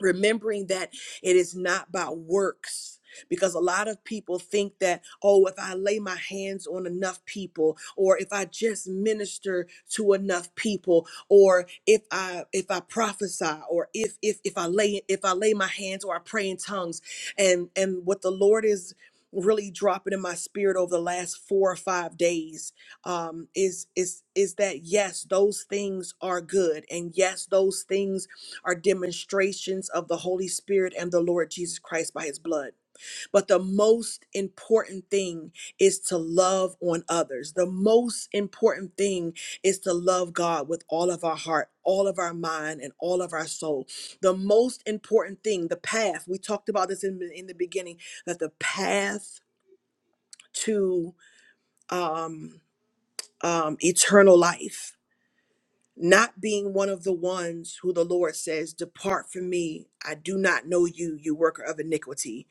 S4: remembering that it is not by works because a lot of people think that oh if i lay my hands on enough people or if i just minister to enough people or if i if i prophesy or if if if i lay if i lay my hands or i pray in tongues and and what the lord is really dropping in my spirit over the last four or five days um is is is that yes those things are good and yes those things are demonstrations of the Holy Spirit and the Lord Jesus Christ by his blood. But the most important thing is to love on others. The most important thing is to love God with all of our heart, all of our mind, and all of our soul. The most important thing, the path, we talked about this in, in the beginning, that the path to um, um, eternal life not being one of the ones who the Lord says, Depart from me. I do not know you, you worker of iniquity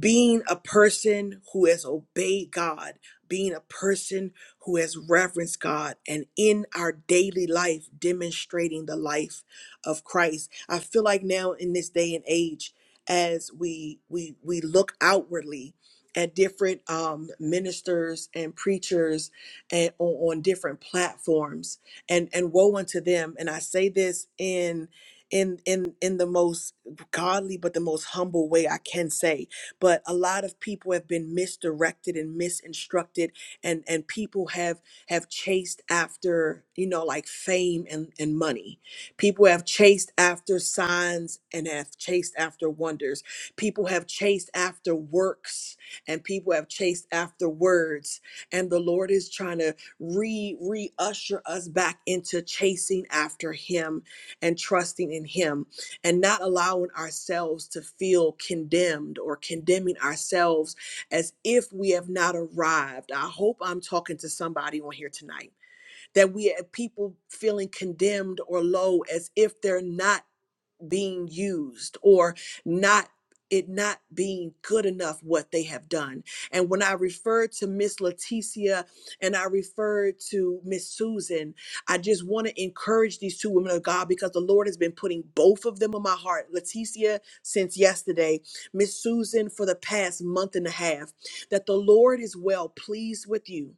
S4: being a person who has obeyed God, being a person who has reverenced God, and in our daily life, demonstrating the life of Christ. I feel like now in this day and age, as we we we look outwardly at different um, ministers and preachers and on, on different platforms, and and woe unto them. And I say this in in in in the most godly but the most humble way I can say but a lot of people have been misdirected and misinstructed and and people have have chased after you know like fame and and money people have chased after signs and have chased after wonders people have chased after works and people have chased after words and the lord is trying to re re usher us back into chasing after him and trusting in him and not allowing ourselves to feel condemned or condemning ourselves as if we have not arrived. I hope I'm talking to somebody on here tonight that we have people feeling condemned or low as if they're not being used or not it not being good enough what they have done. And when I refer to Miss Leticia and I refer to Miss Susan, I just want to encourage these two women of God because the Lord has been putting both of them on my heart. Leticia since yesterday, Miss Susan for the past month and a half, that the Lord is well pleased with you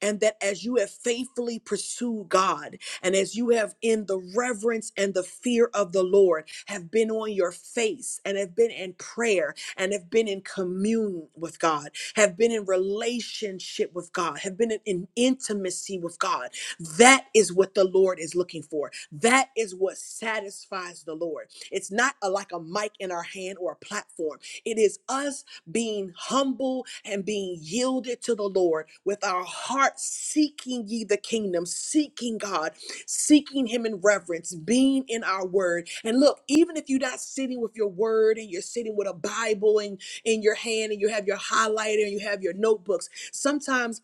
S4: and that as you have faithfully pursued God and as you have in the reverence and the fear of the Lord have been on your face and have been in prayer and have been in commune with God, have been in relationship with God, have been in, in intimacy with God. That is what the Lord is looking for. That is what satisfies the Lord. It's not a, like a mic in our hand or a platform. It is us being humble and being yielded to the Lord, with our hearts seeking ye the kingdom, seeking God, seeking Him in reverence, being in our word. And look, even if you're not sitting with your word and you're sitting with a Bible and in your hand and you have your highlighter and you have your notebooks, sometimes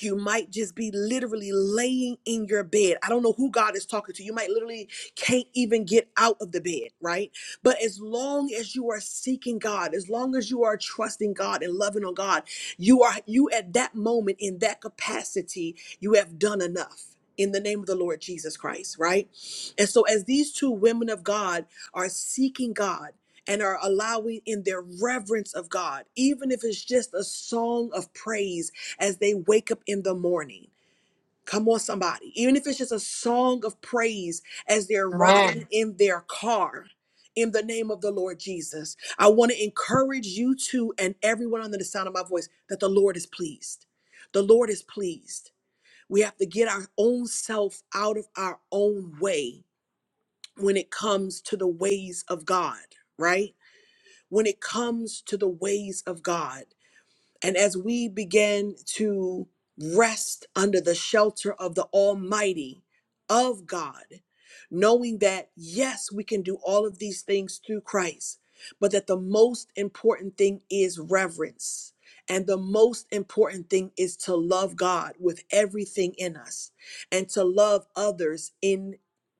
S4: you might just be literally laying in your bed. I don't know who God is talking to. You might literally can't even get out of the bed, right? But as long as you are seeking God, as long as you are trusting God and loving on God, you are you at that moment in that capacity, you have done enough. In the name of the Lord Jesus Christ, right? And so, as these two women of God are seeking God and are allowing in their reverence of God, even if it's just a song of praise as they wake up in the morning. Come on, somebody. Even if it's just a song of praise as they're riding
S6: Amen.
S4: in their car. In the name of the Lord Jesus, I want to encourage you to and everyone under the sound of my voice that the Lord is pleased. The Lord is pleased. We have to get our own self out of our own way when it comes to the ways of God, right? When it comes to the ways of God. And as we begin to rest under the shelter of the Almighty of God, knowing that, yes, we can do all of these things through Christ, but that the most important thing is reverence. And the most important thing is to love God with everything in us and to love others in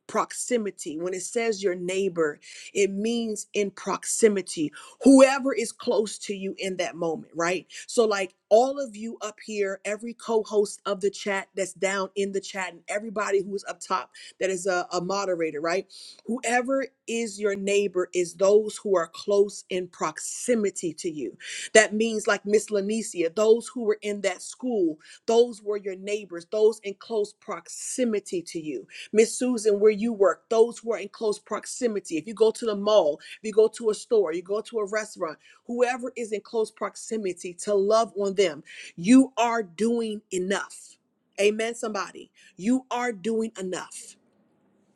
S4: proximity. When it says your neighbor, it means in proximity whoever is close to you in that moment, right? So, like all of you up here, every co host of the chat that's down in the chat, and everybody who is up top that is a, a moderator, right? Whoever is your neighbor is those who are close in proximity to you. That means, like Miss Lanicia, those who were in that school, those were your neighbors, those in close proximity to you. Miss Susan, where you work, those who are in close proximity. If you go to the mall, you go to a store, you go to a restaurant, whoever is in close proximity to love on them, you are doing enough. Amen, somebody. You are doing enough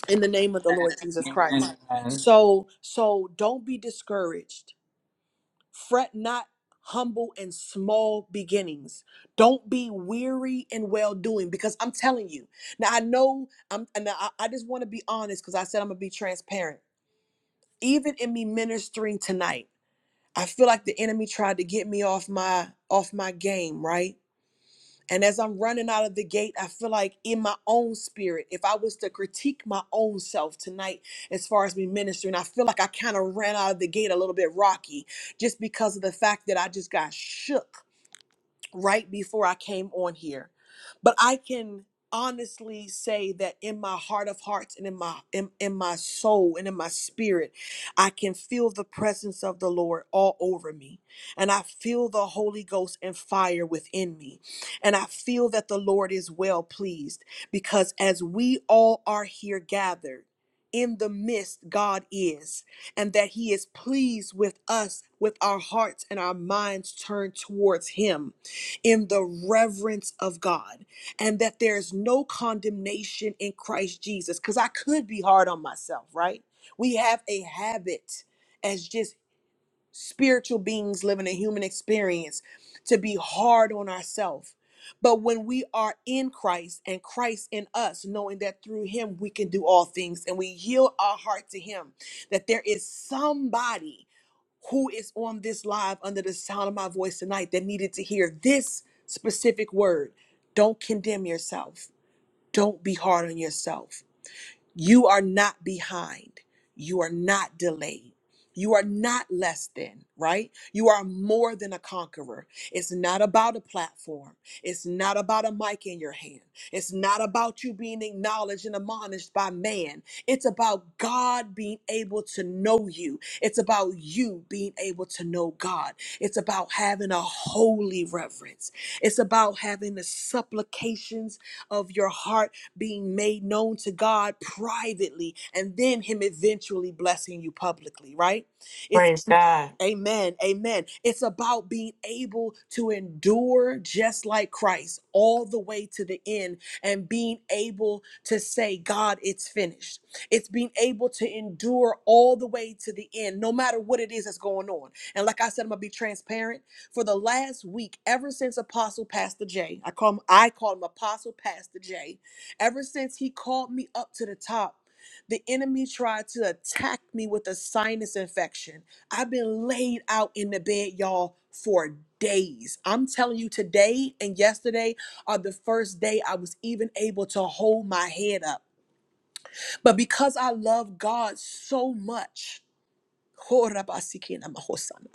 S4: in the name of the Lord Jesus Christ.
S5: Amen.
S4: So, so don't be discouraged. Fret not humble and small beginnings. Don't be weary and well doing because I'm telling you. Now I know I'm and I, I just want to be honest because I said I'm gonna be transparent. Even in me ministering tonight. I feel like the enemy tried to get me off my off my game, right? And as I'm running out of the gate, I feel like in my own spirit, if I was to critique my own self tonight as far as me ministering, I feel like I kind of ran out of the gate a little bit rocky just because of the fact that I just got shook right before I came on here. But I can honestly say that in my heart of hearts and in my in, in my soul and in my spirit I can feel the presence of the Lord all over me and I feel the Holy Ghost and fire within me and I feel that the Lord is well pleased because as we all are here gathered in the midst God is and that he is pleased with us with our hearts and our minds turned towards him in the reverence of God and that there's no condemnation in Christ Jesus. Because I could be hard on myself, right? We have a habit as just spiritual beings living a human experience to be hard on ourselves. But when we are in Christ and Christ in us, knowing that through Him we can do all things and we yield our heart to Him, that there is somebody who is on this live under the sound of my voice tonight that needed to hear this specific word. Don't condemn yourself. Don't be hard on yourself. You are not behind. You are not delayed. You are not less than, right? You are more than a conqueror. It's not about a platform. It's not about a mic in your hand. It's not about you being acknowledged and admonished by man. It's about God being able to know you. It's about you being able to know God. It's about having a holy reverence. It's about having the supplications of your heart being made known to God privately, and then Him eventually blessing you publicly, right? It's.
S6: Praise God.
S4: Amen. Amen. It's about being able to endure just like Christ all the way to the end and being able to say, God, it's finished. It's being able to endure all the way to the end, no matter what it is that's going on. And like I said, I'm gonna be transparent. For the last week, ever since Apostle Pastor J, I call him, I call him Apostle Pastor J, ever since he called me up to the top, the enemy tried to attack me with a sinus infection I've been laid out in the bed, y'all, for days. I'm telling you, today and yesterday are the first day I was even able to hold my head up. But because I love God so much, Korabasikina mahosana.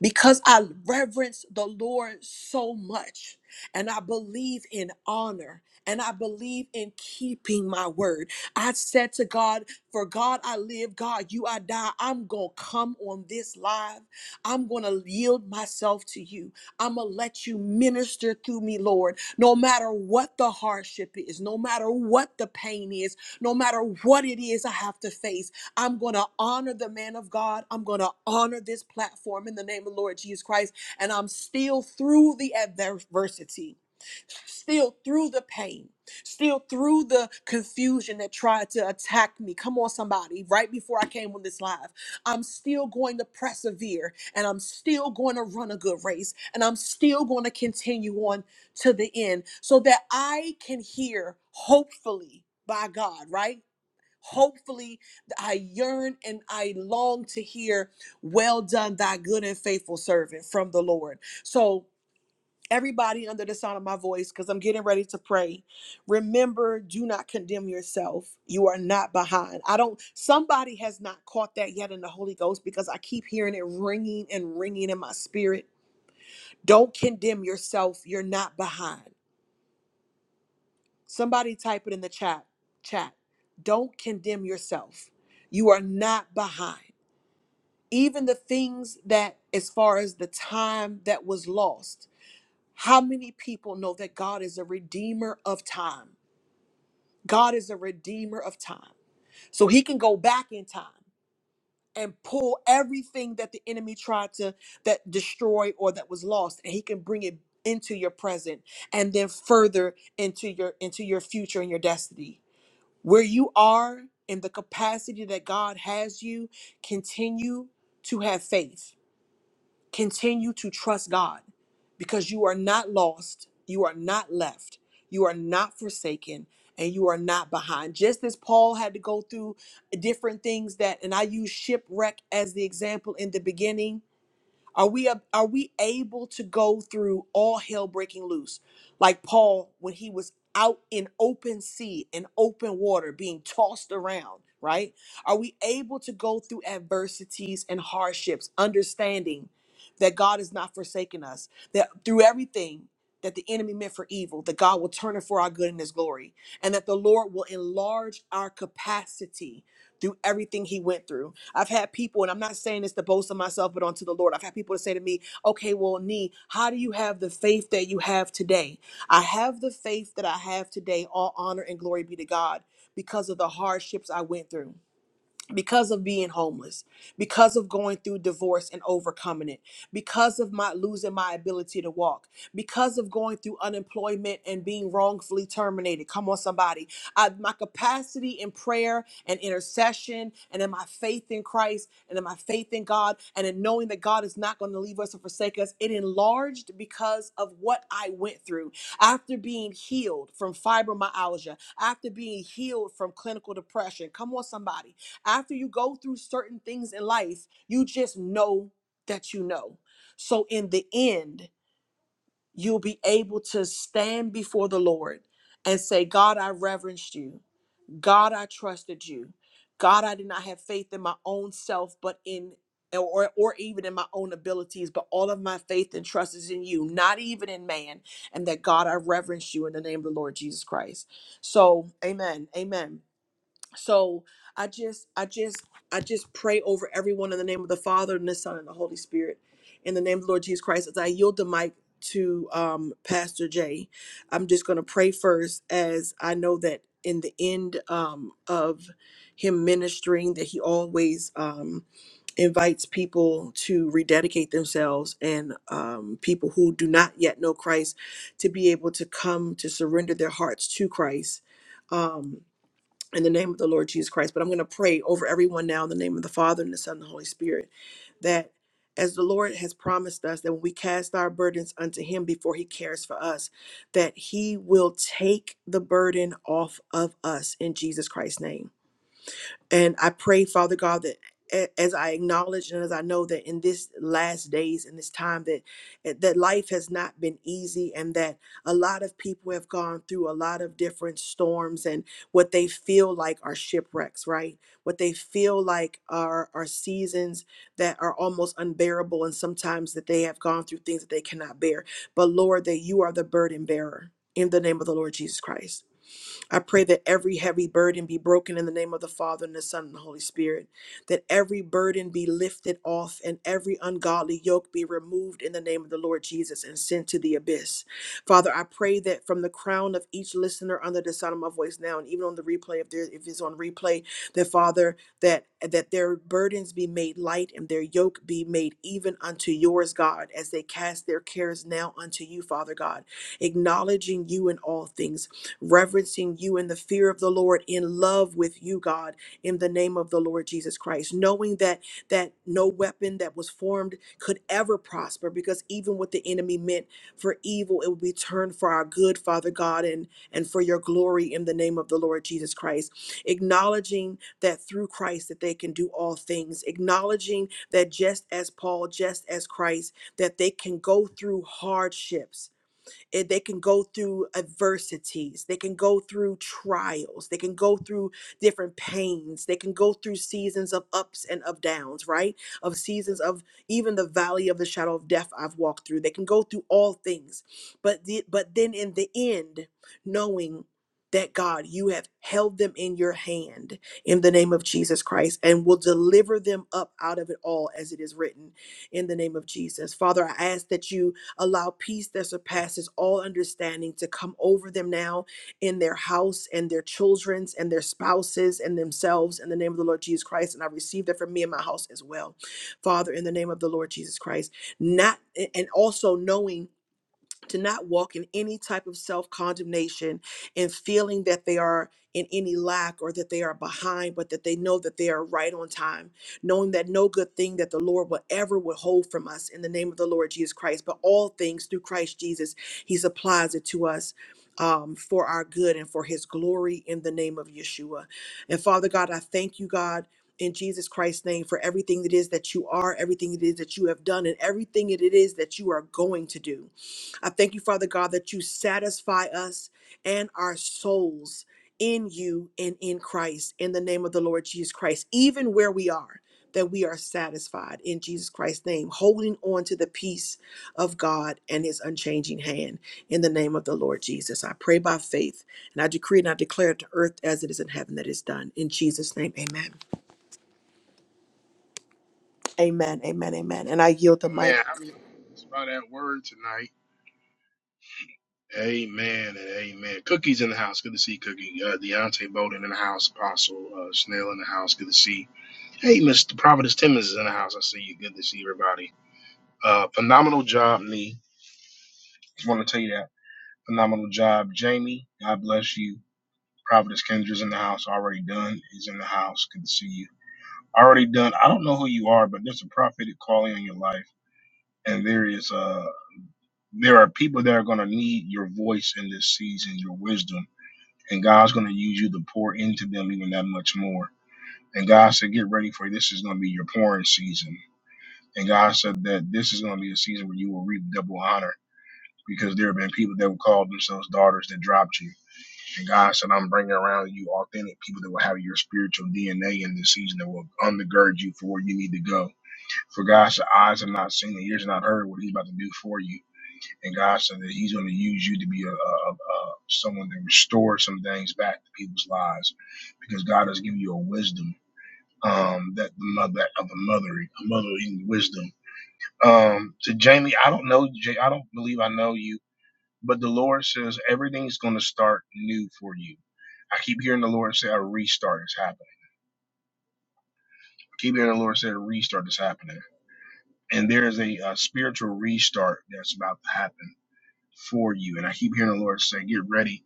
S4: Because I reverence the Lord so much and I believe in honor and I believe in keeping my word. I said to God, For God I live, God, you I die. I'm going to come on this live. I'm going to yield myself to you. I'm going to let you minister through me, Lord, no matter what the hardship is, no matter what the pain is, no matter what it is I have to face. I'm going to honor the man of God. I'm going to honor this platform in the name of Lord Jesus Christ. And I'm still through the adversity, still through the pain, still through the confusion that tried to attack me. Come on, somebody, right before I came on this live. I'm still going to persevere and I'm still going to run a good race and I'm still going to continue on to the end so that I can hear, hopefully, by God, right? Hopefully, I yearn and I long to hear, Well done, thy good and faithful servant from the Lord. So, everybody under the sound of my voice, because I'm getting ready to pray, remember do not condemn yourself. You are not behind. I don't, somebody has not caught that yet in the Holy Ghost because I keep hearing it ringing and ringing in my spirit. Don't condemn yourself. You're not behind. Somebody type it in the chat. Chat. Don't condemn yourself. You are not behind. even the things that as far as the time that was lost how many people know that god is a redeemer of time god is a redeemer of time so he can go back in time and pull everything that the enemy tried to that destroy or that was lost and he can bring it into your present and then further into your into your future and your destiny where you are in the capacity that god has you continue to have faith Continue to trust God because you are not lost, you are not left, you are not forsaken, and you are not behind. Just as Paul had to go through different things that, and I use shipwreck as the example in the beginning are we ab- are we able to go through all hell breaking loose, like Paul when he was out in open sea and open water, being tossed around? Right? Are we able to go through adversities and hardships, understanding that God has not forsaken us, that through everything that the enemy meant for evil, that God will turn it for our good in His glory, and that the Lord will enlarge our capacity through everything He went through I've had people, and I'm not saying this to boast of myself, but unto the Lord. I've had people to say to me, okay, well, Nee, how do you have the faith that you have today? I have the faith that I have today. All honor and glory be to God because of the hardships I went through because of being homeless, because of going through divorce and overcoming it, because of my losing my ability to walk, because of going through unemployment and being wrongfully terminated. Come on, somebody. I, my capacity in prayer and intercession and in my faith in Christ and in my faith in God and in knowing that God is not going to leave us or forsake us, it enlarged because of what I went through. After being healed from fibromyalgia, after being healed from clinical depression, come on, somebody after you go through certain things in life, you just know that you know. So in the end, you'll be able to stand before the Lord and say, God, I reverenced you. God, I trusted you. God, I did not have faith in my own self, but in or, or even in my own abilities, but all of my faith and trust is in you, not even in man. And that God, I reverence you in the name of the Lord Jesus Christ. So, amen. Amen so i just i just i just pray over everyone in the name of the father and the son and the holy spirit in the name of the lord jesus christ as i yield the mic to um, pastor jay i'm just going to pray first as i know that in the end um, of him ministering that he always um, invites people to rededicate themselves and um, people who do not yet know christ to be able to come to surrender their hearts to christ Um, in the name of the Lord Jesus Christ. But I'm going to pray over everyone now in the name of the Father and the Son and the Holy Spirit that as the Lord has promised us that when we cast our burdens unto him before he cares for us, that he will take the burden off of us in Jesus Christ's name and I pray, Father God, that a- as I acknowledge and as I know that in this last days in this time that eh, that life has not been easy and that a lot of people have gone through a lot of different storms and what they feel like are shipwrecks, right? What they feel like are are seasons that are almost unbearable and sometimes that they have gone through things that they cannot bear. But Lord, that you are the burden bearer in the name of the Lord Jesus Christ. I pray that every heavy burden be broken in the name of the Father and the Son and the Holy Spirit, that every burden be lifted off and every ungodly yoke be removed in the name of the Lord Jesus and sent to the abyss. Father, I pray that from the crown of each listener under the sound of my voice now and even on the replay, if there if it's on replay, that Father, that that their burdens be made light and their yoke be made even unto yours, God, as they cast their cares now unto you, Father God, acknowledging you in all things reverencing you in the fear of the Lord, in love with you, God, in the name of the Lord Jesus Christ, knowing that that no weapon that was formed could ever prosper, because even what the enemy meant for evil, it would be turned for our good, Father God, and and for your glory in the name of the Lord Jesus Christ. Acknowledging that through Christ that they can do all things, acknowledging that just as Paul, just as Christ, that they can go through hardships Eh, They can go through adversities. They can go through trials. They can go through different pains. They can go through seasons of ups and of downs, right? Of seasons of even the valley of the shadow of death I've walked through. They can go through all things. But the, but then in the end, knowing that God, you have held them in your hand in the name of Jesus Christ and will deliver them up out of it all as it is written in the name of Jesus. Father, I ask that you Allow peace that surpasses all understanding to come over them now in their house and their children's and their spouses and themselves in the name of the Lord Jesus Christ. And I receive that for me and my house as well. Father, in the name of the Lord Jesus Christ, not and also knowing to not walk in any type of self condemnation and feeling that they are in any lack or that they are behind, but that they know that they are right on time, knowing that no good thing that the Lord will ever withhold from us in the name of the Lord Jesus Christ, but all things through Christ Jesus, He supplies it to us. Um, for our good and for his glory in the name of Yeshua. And Father God, I thank you, God, in Jesus Christ's name for everything it is that you are, everything it is that you have done, and everything it is that you are going to do. I thank you, Father God, that you satisfy us and our souls in you and in Christ, in the name of the Lord Jesus Christ, even where we are, that we are satisfied in Jesus Christ's name, holding on to the peace of God and his unchanging hand, in the name of the Lord Jesus. I pray by faith, and I decree and I declare it to earth as it is in heaven that is done. In Jesus' name, amen. Amen, amen, amen. And I yield the
S1: Amen.
S4: mic.
S1: I mean, it's about that word tonight. Amen and amen. Cookie's in the house. Good to see you, Cookie. Uh, Deontay Bolden in the house. Apostle uh, Snail in the house. Good to see. you. Hey, Mr. Providence Timmons is in the house. I see you. Good to see everybody. Uh, phenomenal job, Nee. Just want to tell you that phenomenal job, Jamie. God bless you. Providence Kendra's in the house. Already done is in the house. Good to see you. Already done. I don't know who you are, but there's a prophetic calling on your life, and there is uh there are people that are going to need your voice in this season, your wisdom, and God's going to use you to pour into them even that much more. And God said, get ready for it. this is going to be your pouring season. And God said that this is going to be a season where you will reap double honor because there have been people that would call themselves daughters that dropped you And God said, I'm bringing around you authentic people that will have your spiritual DNA in this season that will undergird you for where you need to go. For God said, eyes have not seen and ears have not heard what He's about to do for you. And God said that He's going to use you to be a, a, a, a someone that restores some things back to people's lives because God has given you a wisdom um, that the mother of a mothering, a mothering wisdom. Um, to Jamie, I don't know. Jay, I don't believe I know you. But the Lord says everything's going to start new for you. I keep hearing the Lord say a restart is happening. I keep hearing the Lord say a restart is happening. And there is a, uh spiritual restart that's about to happen for you. And I keep hearing the Lord say, get ready.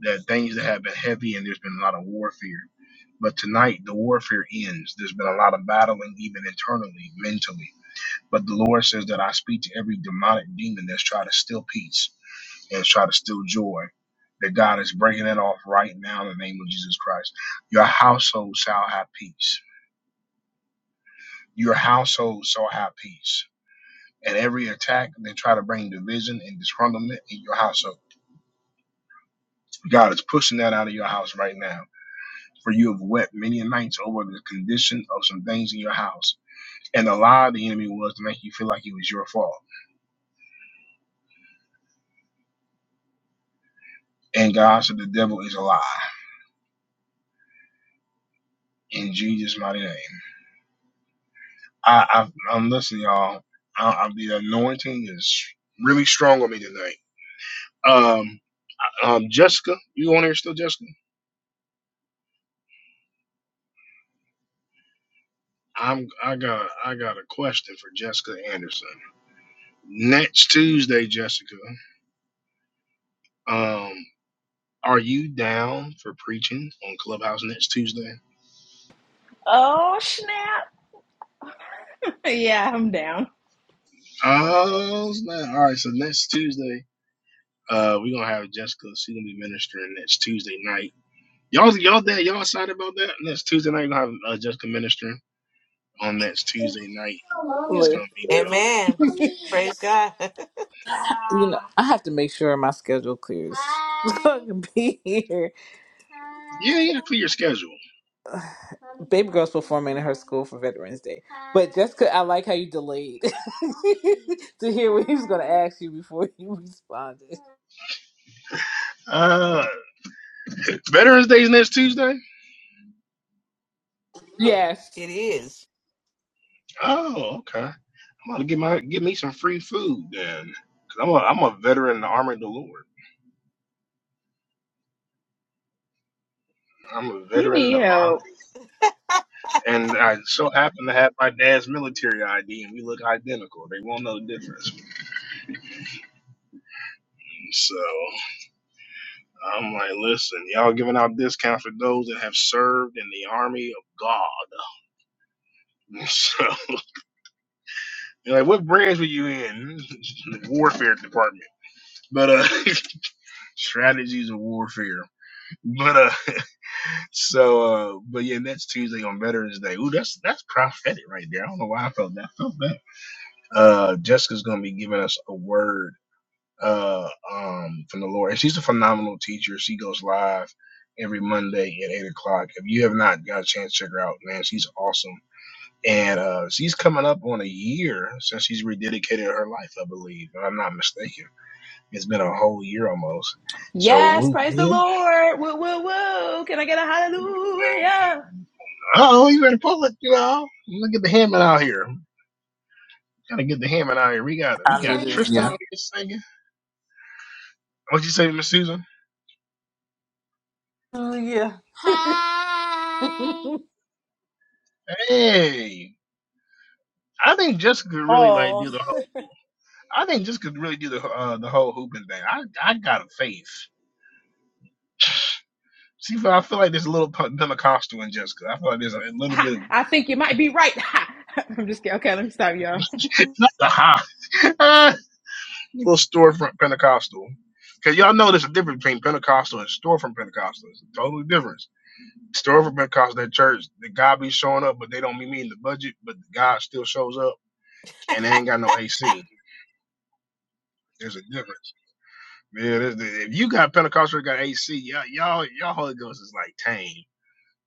S1: That things that have been heavy and there's been a lot of warfare. But tonight, the warfare ends. There's been a lot of battling, even internally, mentally. But the Lord says that I speak to every demonic demon that's trying to steal peace. and try to steal joy that God is breaking that off right now in the name of Jesus Christ. Your household shall have peace. Your household shall have peace. And every attack they try to bring division and disgruntlement in your household, God is pushing that out of your house right now. For you have wept many nights over the condition of some things in your house. And the lie of the enemy was to make you feel like it was your fault. And God said the devil is a lie in Jesus' mighty name. I, I I'm listening, y'all. I, I, the anointing is really strong on me tonight. Um, um, Jessica, you on here still, Jessica? I'm. I got. I got a question for Jessica Anderson. Next Tuesday, Jessica. Um, are you down for preaching on Clubhouse next Tuesday?
S7: Oh, snap. Yeah, I'm down.
S1: Oh snap! All right, so next Tuesday, uh, we're gonna have Jessica. She's gonna be ministering next Tuesday night. Y'all, y'all, there, y'all excited about that? Next Tuesday night, we're gonna have uh, Jessica ministering. on next Tuesday night. It's gonna
S5: Amen.
S1: be dope.
S6: Amen.
S5: you
S6: Praise God. it
S5: know, I have to make sure my schedule clears. So I can be here.
S1: Yeah, yeah, clear your schedule.
S5: Baby girl's performing in her school for Veterans Day. But Jessica, I like how you delayed to hear what he was going to ask you before you responded.
S1: Uh Veterans Day's next Tuesday?
S5: Yes.
S6: is.
S1: Oh, okay. I'm gonna get my get me some free food then. Cause I'm a I'm a veteran in the army of the Lord. I'm a
S7: You
S1: veteran in the
S7: need
S1: army.
S7: help.
S1: And I so happen to have my dad's military ID and we look identical. They won't know the difference. So I'm like, listen, y'all giving out discounts for those that have served in the army of God. So You're like, what branch were you in? the warfare department. But uh strategies of warfare. But uh so uh but yeah, next Tuesday on Veterans Day. Ooh, that's that's prophetic right there. I don't know why I felt that. I felt that. Uh Jessica's gonna be giving us a word uh um from the Lord. And she's a phenomenal teacher. She goes live every Monday at eight o'clock. If you have not got a chance to check her out, man, she's awesome and uh, she's coming up on a year since she's rededicated her life, I believe, if I'm not mistaken. It's been a whole year almost. So,
S7: Yes,
S1: we-
S7: praise the
S1: yeah.
S7: Lord. Woo, woo, woo. Can I get a hallelujah?
S1: oh, you better pull it, you know. Look at the Hammond out here. Gotta get the Hammond out here. We got we got Tristan out
S5: Hallelujah.
S1: here singing. What you say, Miss Susan?
S5: Hallelujah.
S1: Hey, I think Jessica could really like
S4: Oh,
S1: do the whole. I think Jessica could really do the uh, the whole hooping thing. I I got a faith. See, I feel like there's a little Pentecostal in Jessica. I feel like there's a little
S7: Ha,
S1: bit
S7: I
S1: of
S7: think you might be right. Ha. I'm just kidding. Okay, let me stop y'all.
S1: not the high. little storefront Pentecostal. Cause y'all know there's a difference between Pentecostal and storefront Pentecostal. It's a total difference. Storefront Pentecostal, that church, the God be showing up, but they don't be meeting the budget, but God still shows up, and they ain't got no AC. There's a difference. Yeah, there's, if you got Pentecostal that got AC, y'all, y'all, y'all Holy Ghost is like tame.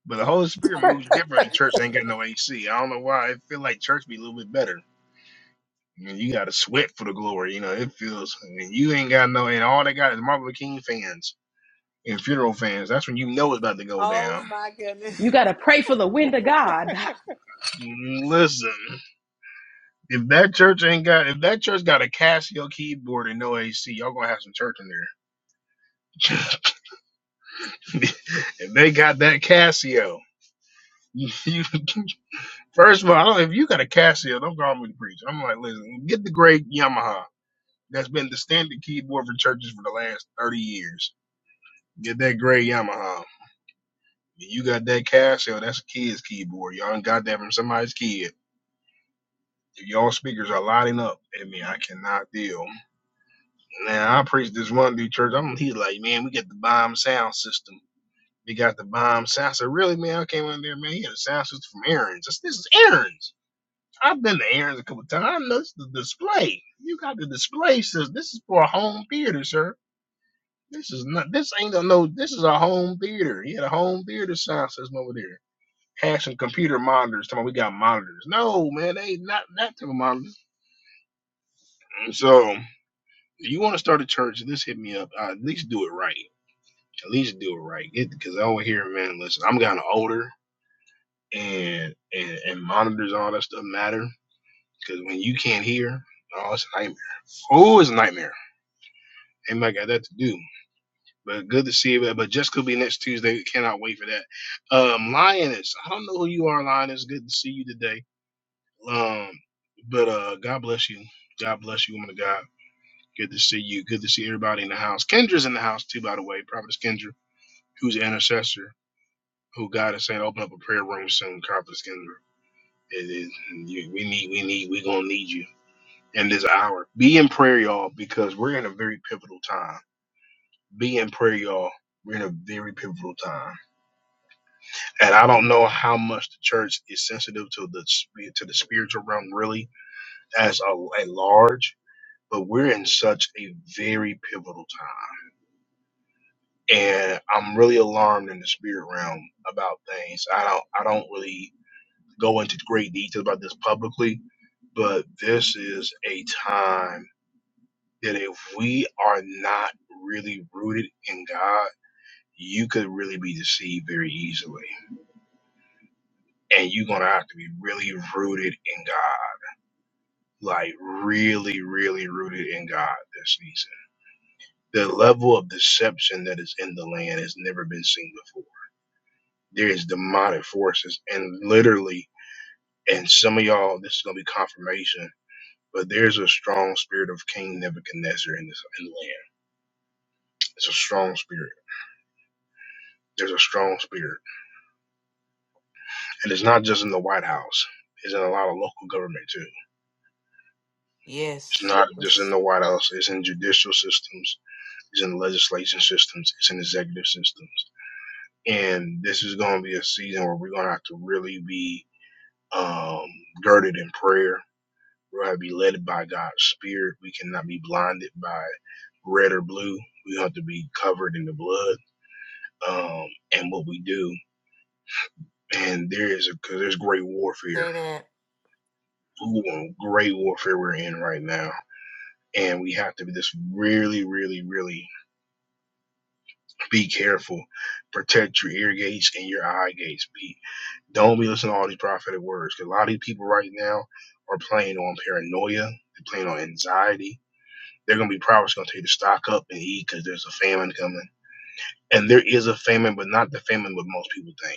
S1: But the Holy Spirit moves different. The church ain't got no AC. I don't know why. It feel like church be a little bit better. I mean, you got to sweat for the glory. You know, it feels. And you ain't got no. And all they got is Marvel King fans and funeral fans, that's when you know it's about to go
S4: oh
S1: down.
S4: my goodness.
S7: You got to pray for the wind of God.
S1: Listen, if that church ain't got, if that church got a Casio keyboard and no AC, y'all gonna have some church in there. if they got that Casio, you- first of all, I don't, if you got a Casio, don't call me to preach. I'm like, listen, get the great Yamaha. That's been the standard keyboard for churches for the last 30 years. Get that great Yamaha. You got that Casio, that's a kid's keyboard. Y'all done got that from somebody's kid y'all speakers are lighting up at me. I cannot deal. Now I preached this one dude church. I'm he's like, man, we got the bomb sound system. We got the bomb sound. I said, really, man? I came in there, man. He had a sound system from Aaron's. I said, this is Aaron's. I've been to Aaron's a couple of times. I the display. You got the display system. This is for a home theater, sir. This is not. This ain't a no. This is a home theater. He had a home theater sound system over there. Had some computer monitors. Talking about we got monitors. No, man, they ain't not that type of monitors. And so. you want to start a church, just hit me up. Uh, at least do it right. At least do it right. Because I over here, man, listen, I'm kind of older, and, and and monitors and all that stuff matter. Because when you can't hear, oh, it's a nightmare. Oh, it's a nightmare. Anybody got that to do? But good to see you. But just could be next Tuesday. Cannot wait for that. Um, Lioness, I don't know who you are, Lioness. Good to see you today. Um, but uh, God bless you. God bless you, woman of God. Good to see you. Good to see everybody in the house. Kendra's in the house too, by the way. Prophetess Kendra. who's an intercessor, who God is saying, open up a prayer room soon, Conference Kendra. It is you, we need, we need, we gonna need you in this hour. Be in prayer, y'all, because we're in a very pivotal time. Be in prayer, y'all. We're in a very pivotal time, and I don't know how much the church is sensitive to the sp- to the spiritual realm, really, as a, a large. But we're in such a very pivotal time, and I'm really alarmed in the spirit realm about things. I don't, I don't really go into great detail about this publicly, but this is a time that if we are not really rooted in God, you could really be deceived very easily. And you're going to have to be really rooted in God, like really, really rooted in God this season. The level of deception that is in the land has never been seen before. There is demonic forces, and literally, and some of y'all, this is going to be confirmation But there's a strong spirit of King Nebuchadnezzar in this in the land. It's a strong spirit. There's a strong spirit, and it's not just in the White House. It's in a lot of local government too. It's
S6: Yes.
S1: not just in the White House. It's in judicial systems. It's in legislation systems. It's in executive systems. And this is going to be a season where we're going to have to really be um, girded in prayer. We're going to be led by God's spirit. We cannot be blinded by red or blue. We have to be covered in the blood um, and what we do. And there is a, because there's great warfare.
S6: Say
S1: Ooh, great warfare we're in right now. And we have to be just really, really, really be careful. Protect your ear gates and your eye gates. Be, don't be listening to all these prophetic words. Because a lot of these people right now are playing on paranoia. They're playing on anxiety. They're going to be prophets going to tell you to stock up and eat because there's a famine coming. And there is a famine, but not the famine what most people think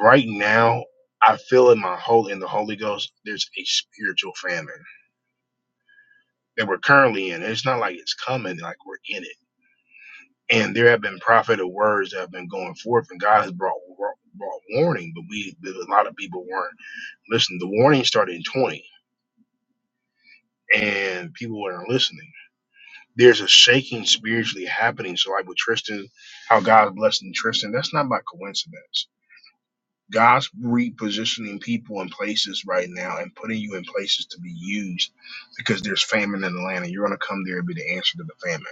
S1: right now I feel in my whole in the Holy Ghost there's a spiritual famine that we're currently in. It's not like it's coming, like we're in it. And there have been prophetic words that have been going forth, and God has brought brought, brought warning, but we but a lot of people weren't listening. The warning started in 20, and people weren't listening. There's a shaking spiritually happening. So like with Tristan, how God's blessing Tristan, that's not by coincidence. God's repositioning people in places right now and putting you in places to be used because there's famine in the land and you're going to come there and be the answer to the famine.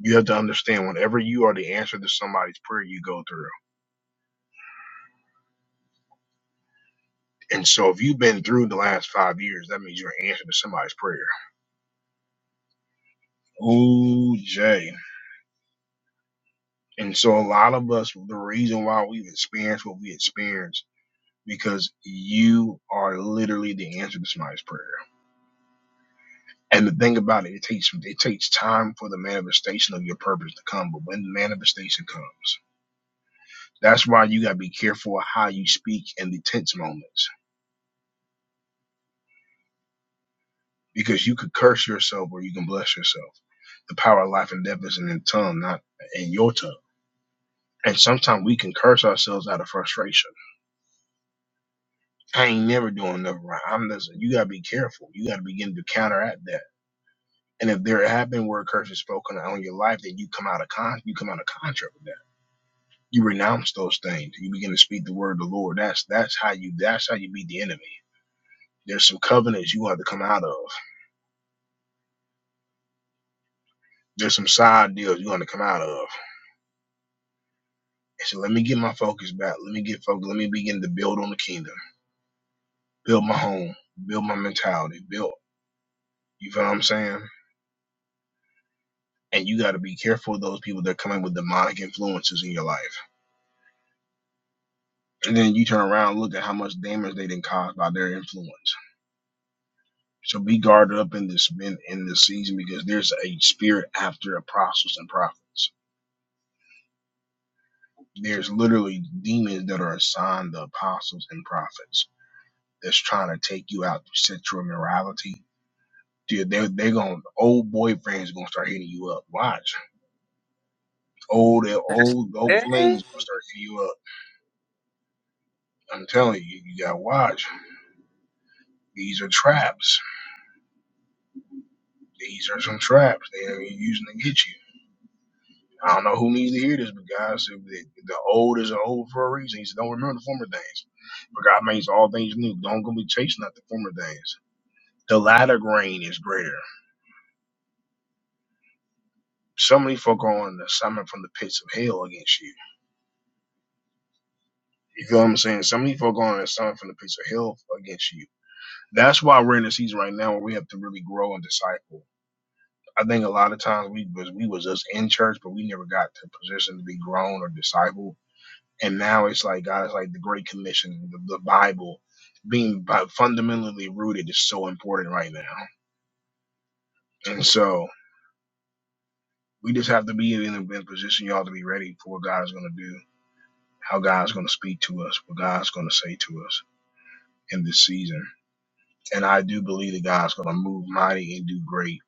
S1: You have to understand whenever you are the answer to somebody's prayer, you go through. And so if you've been through the last five years, that means you're an answer to somebody's prayer. Ooh, Jay. And so a lot of us, the reason why we've experienced what we experienced because you are literally the answer to somebody's prayer. And the thing about it, it takes it takes time for the manifestation of your purpose to come. But when the manifestation comes, that's why you gotta be careful how you speak in the tense moments. Because you could curse yourself or you can bless yourself. The power of life and death is in the tongue, not in your tongue. And sometimes we can curse ourselves out of frustration. I ain't never doing nothing right. I'm just You gotta be careful. You gotta begin to counteract that. And if there have been word curses spoken on your life, then you come out of con you come out of contract. with that. You renounce those things. You begin to speak the word of the Lord. That's that's how you that's how you beat the enemy. There's some covenants you have to come out of. There's some side deals you have to come out of. And so let me get my focus back. Let me get focused. Let me begin to build on the kingdom. Build my home. Build my mentality. Build. You feel what I'm saying? And you got to be careful of those people that come in with demonic influences in your life. And then you turn around and look at how much damage they didn't cause by their influence. So be guarded up in this in, in this season because there's a spirit after apostles and prophets. There's literally demons that are assigned the apostles and prophets that's trying to take you out through sexual immorality. Dude, they're they're going old boyfriends gonna start hitting you up. Watch. Old old old
S5: Yeah.
S1: flings gonna start hitting you up. I'm telling you, you gotta watch. These are traps. These are some traps they are using to get you. I don't know who needs to hear this, but God said the, the old is old for a reason. He said, don't remember the former things. But God makes all things new. Don't go be chasing after former things. The latter grain is greater. Some of these folk are on an assignment from the pits of hell against you. You feel what I'm saying? Some of these folk are on an assignment from the pits of hell against you. That's why we're in a season right now where we have to really grow and disciple. I think a lot of times we was we was us in church, but we never got to a position to be grown or discipled and now it's like God is like the Great Commission, the, the Bible, being bi- fundamentally rooted is so important right now, and so we just have to be in a in a position, y'all, to be ready for what God is going to do, how God's going to speak to us, what God's going to say to us in this season, and I do believe that God's going to move mighty and do great,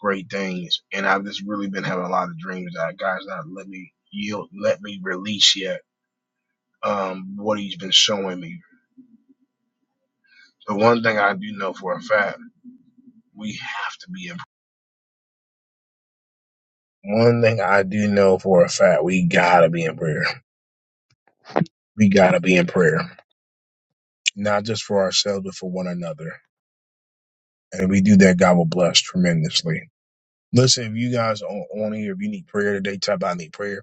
S1: great things, and I've just really been having a lot of dreams that God's not let me yield, let me release yet um, what He's been showing me. The one thing I do know for a fact We have to be in prayer. One thing I do know for a fact, we gotta be in prayer. We gotta be in prayer. Not just for ourselves, but for one another. And if we do that, God will bless tremendously. Listen, if you guys are on on here, if you need prayer today, type about I need prayer.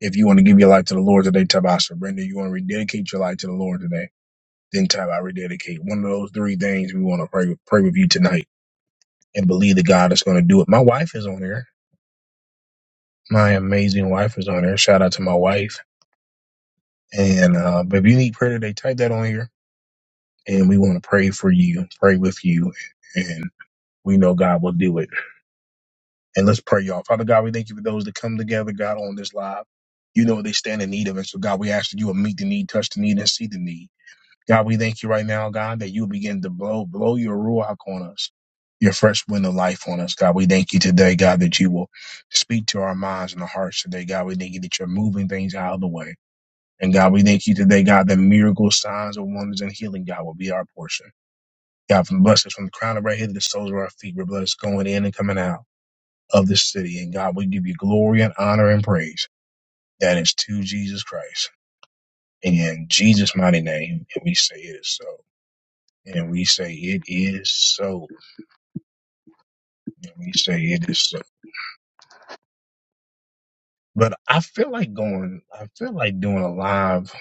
S1: If you want to give your life to the Lord today, type I surrender. You want to rededicate your life to the Lord today, then type I rededicate. One of those three things we want to pray pray with you tonight and believe that God is going to do it. My wife is on here. My amazing wife is on here. Shout out to my wife And uh, but if you need prayer today, type that on here, and we want to pray for you, pray with you, and we know God will do it. And let's pray, y'all. Father God, we thank you for those that come together, God, on this live. You know what they stand in need of, and so God, we ask that you will meet the need, touch the need, and see the need. God, we thank you right now, God, that you will begin to blow, blow your ruach on us, your fresh wind of life on us, God. We thank you today, God, that you will speak to our minds and our hearts today, God. We thank you that you're moving things out of the way. And God, we thank you today, God, that miracles, signs, and wonders and healing, God, will be our portion. God, from bless us from the crown of our head to the soles of our feet, we're blessed going in and coming out of this city. And God, we give you glory and honor and praise. That is to Jesus Christ. And In Jesus' mighty name, and we say it is so. And we say it is so. And we say it is so. But I feel like going, I feel like doing a live,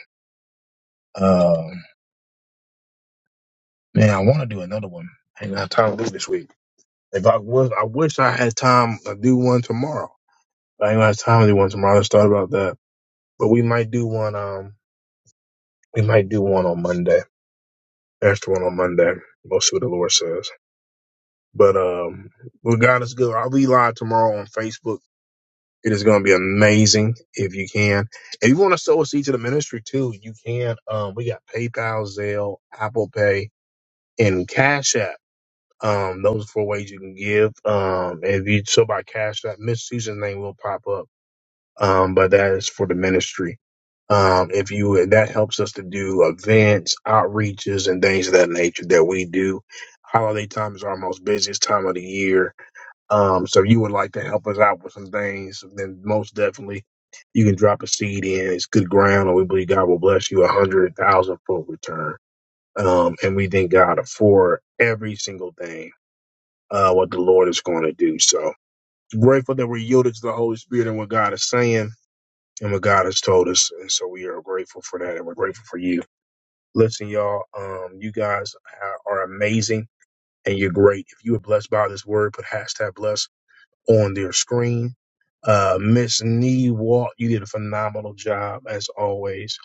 S1: uh, man, I want to do another one. I ain't got time to do this week If I was, I wish I had time to do one tomorrow. I ain't gonna have time to do one tomorrow. Let's thought about that. But we might do one. Um, we might do one on Monday. Extra one on Monday. We'll see what the Lord says. But um, with God is good. I'll be live tomorrow on Facebook. It is gonna be amazing if you can. If you want to sow a seed to the ministry too, you can. Um, we got PayPal, Zelle, Apple Pay, and Cash App. Um, those are four ways you can give. Um, if you so by Cash App, Miss Susan's name will pop up um, but that is for the ministry. Um, if you that helps us to do events, outreaches, and things of that nature that we do. Holiday time is our most busiest time of the year. Um, so if you would like to help us out with some things, then most definitely you can drop a seed in. It's good ground, and we believe God will bless you a hundred thousand fold return. Um, and we thank God for every single thing uh, what the Lord is going to do. So grateful that we're yielded to the Holy Spirit and what God is saying and what God has told us. And so we are grateful for that and we're grateful for you. Listen, y'all, um, you guys ha- are amazing and you're great. If you were blessed by this word, put hashtag blessed on their screen. Uh, Miss Nee Walt, you did a phenomenal job as always.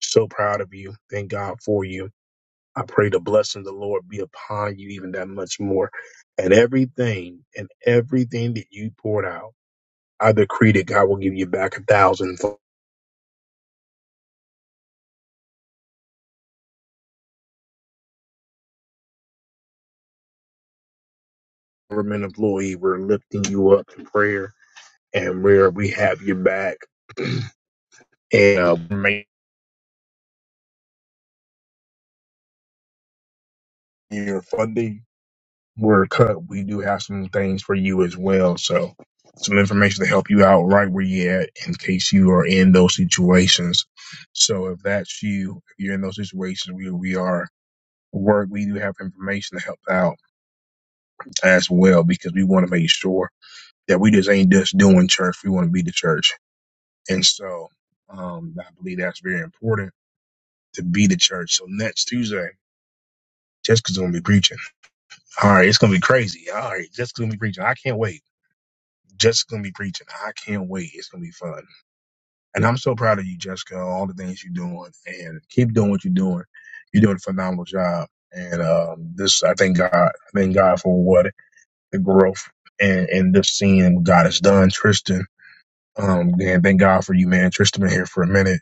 S1: So proud of you. Thank God for you. I pray the blessing of the Lord be upon you even that much more. And everything and everything that you poured out, I decree that God will give you back a thousand. government employee. We're lifting you up in prayer and where we have your back and uh, make your funding. We're cut. We do have some things for you as well. So some information to help you out right where you at in case you are in those situations. So if that's you, if you're in those situations, we we are work. We do have information to help out as well because we want to make sure that we just ain't just doing church. We want to be the church. And so um, I believe that's very important to be the church. So next Tuesday, Jessica's gonna be preaching. All right, it's gonna be crazy. All right, Jessica's gonna be preaching. I can't wait. Jessica's gonna be preaching. I can't wait. It's gonna be fun. And I'm so proud of you, Jessica, all the things you're doing and keep doing what you're doing. You're doing a phenomenal job. And um, this I thank God. I thank God for what the growth and, and this seeing what God has done, Tristan. Um, man, thank God for you, man. Tristan been here for a minute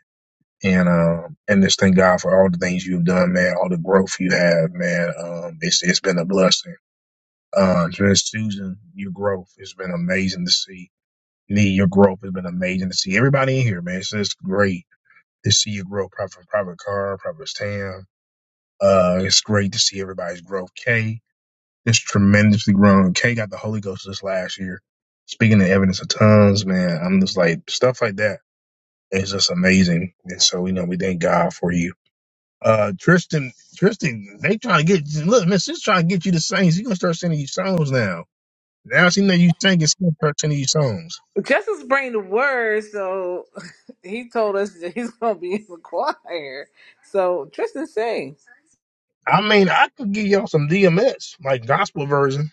S1: And um, and just thank God for all the things you've done, man. All the growth you have, man. Um, it's it's been a blessing. Uh, Miss Susan, your growth has been amazing to see. Me, your growth has been amazing to see. Everybody in here, man, it's just great to see your growth. Prophet, Private Car, Private Tam. Uh, it's great to see everybody's growth. Kay, it's tremendously grown. Kay got the Holy Ghost this last year. Speaking of evidence of tongues, man, I'm just like stuff like that. It's just amazing. And so, you know, we thank God for you Uh, Tristan, Tristan, they trying to get look, man, she's trying to get you to sing. She gonna start sending you songs now. Now she know you singing, she gonna start sending you songs.
S5: Jessica's bringing the word, so he told us that he's going to be in the choir. So Tristan, sing.
S1: I mean, I could give y'all some DMS, like gospel version.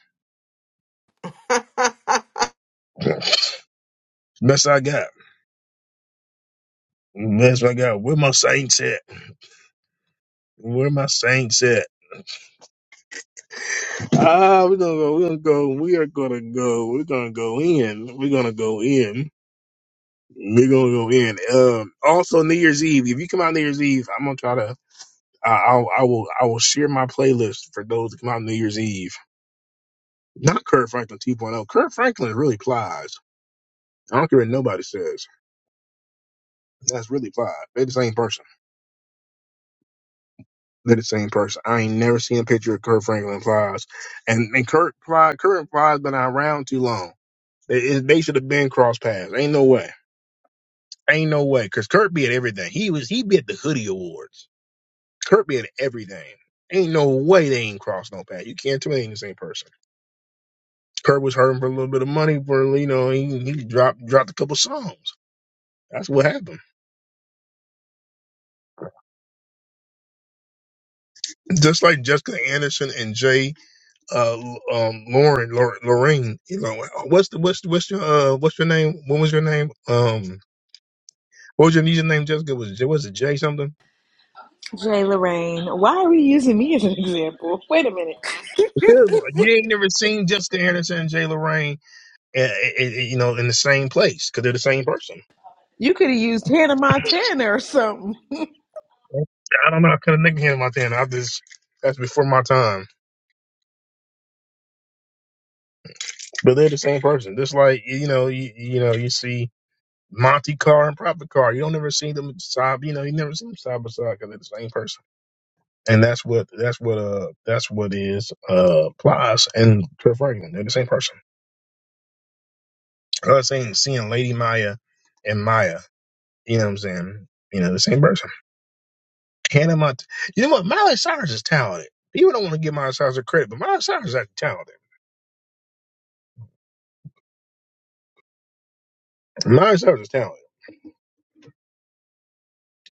S6: that.
S1: Best I got. Best I got. Where my saints at? Where my saints at? Ah, we're gonna go. We're gonna go. We are gonna go. We're gonna go in. We're gonna go in. We're gonna go in. Um, also New Year's Eve. If you come out New Year's Eve, I'm gonna try to. I, I'll, I will I will share my playlist for those that come out New Year's Eve. Not Kurt Franklin 2.0. Kurt Franklin really plies. I don't care what nobody says. That's really plies. They're the same person. They're the same person. I ain't never seen a picture of Kurt Franklin plies. And and Kurt ply Kurt plies been around too long. They it- they should have been cross paths. Ain't no way. Ain't no way. Cause Kurt be at everything. He was he be at the hoodie awards. Kurt be at everything. Ain't no way they ain't crossed no path. You can't tell me they ain't the same person. Kurt was hurting for a little bit of money for you know he, he dropped dropped a couple songs. That's what happened. Just like Jessica Anderson and Jay uh, um, Lauren Lor- Lorraine, you know what's the what's the, what's your uh, what's your name? What was your name? Um, what was your username? Jessica was it was it Jay something?
S7: Jay Lorraine, why are you using me as an example? Wait a minute.
S1: Because You ain't never seen Jessica Anderson and Jay Lorraine, uh, uh, uh, you know, in the same place because they're the same person.
S7: You could have used Hannah Montana or something.
S1: I don't know. I couldn't think of him out there. and I just that's before my time. but they're the same person. Just like you know, you, you know, you see Monte Car and Proper Car. You don't never see them side. You know, you never see them side by side because they're the same person. And that's what that's what uh that's what is uh Plies and Cliff Franklin. They're the same person. I was saying seeing Lady Maya and Maya. You know what I'm saying? You know, the same person. Hannah Mont. You know what? Miley Cyrus is talented. People don't want to give Miley Cyrus the credit, but Miley Cyrus is actually talented. Miley Cyrus is talented.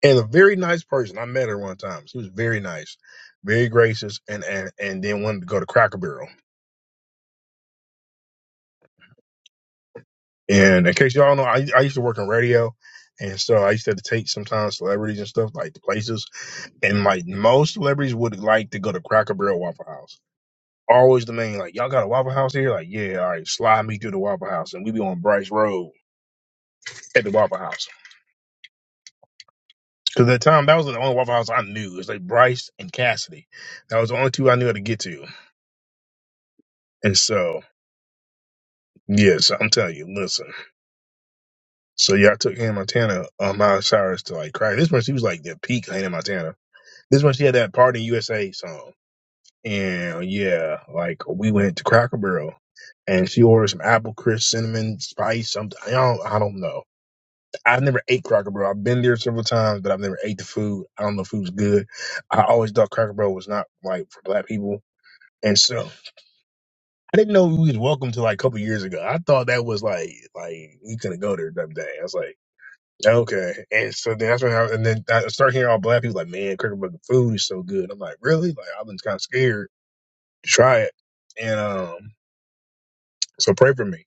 S1: and a very nice person. I met her one time. She was very nice, very gracious, and and and then wanted to go to Cracker Barrel. And in case y'all know, I I used to work in radio, and so I used to, have to take sometimes celebrities and stuff like to places. And like most celebrities would like to go to Cracker Barrel, Waffle House. Always the main like y'all got a Waffle House here? Like yeah, all right, slide me through the Waffle House, and we be on Bryce Road at the Waffle House. Cause at the time that was the only Waffle House I knew. It was like Bryce and Cassidy. That was the only two I knew how to get to. And so Yes, I'm telling you. Listen, so y'all took Hannah Montana on Miley Cyrus to like cry. This much she was like the peak Hannah Montana. This much she had that Party USA song, and yeah, like we went to Cracker Barrel, and she ordered some apple crisp, cinnamon spice, something. I don't, I don't know. I've never ate Cracker Barrel. I've been there several times, but I've never ate the food. I don't know if it was good. I always thought Cracker Barrel was not like for black people, and so. I didn't know we was welcome to like a couple years ago. I thought that was like like you couldn't go there that day. I was like. Okay, and so then that's when I and then I start hearing all black people like, "Man, cricket bucket food is so good." I'm like, "Really?" Like I've been kind of scared to try it, and um, so pray for me.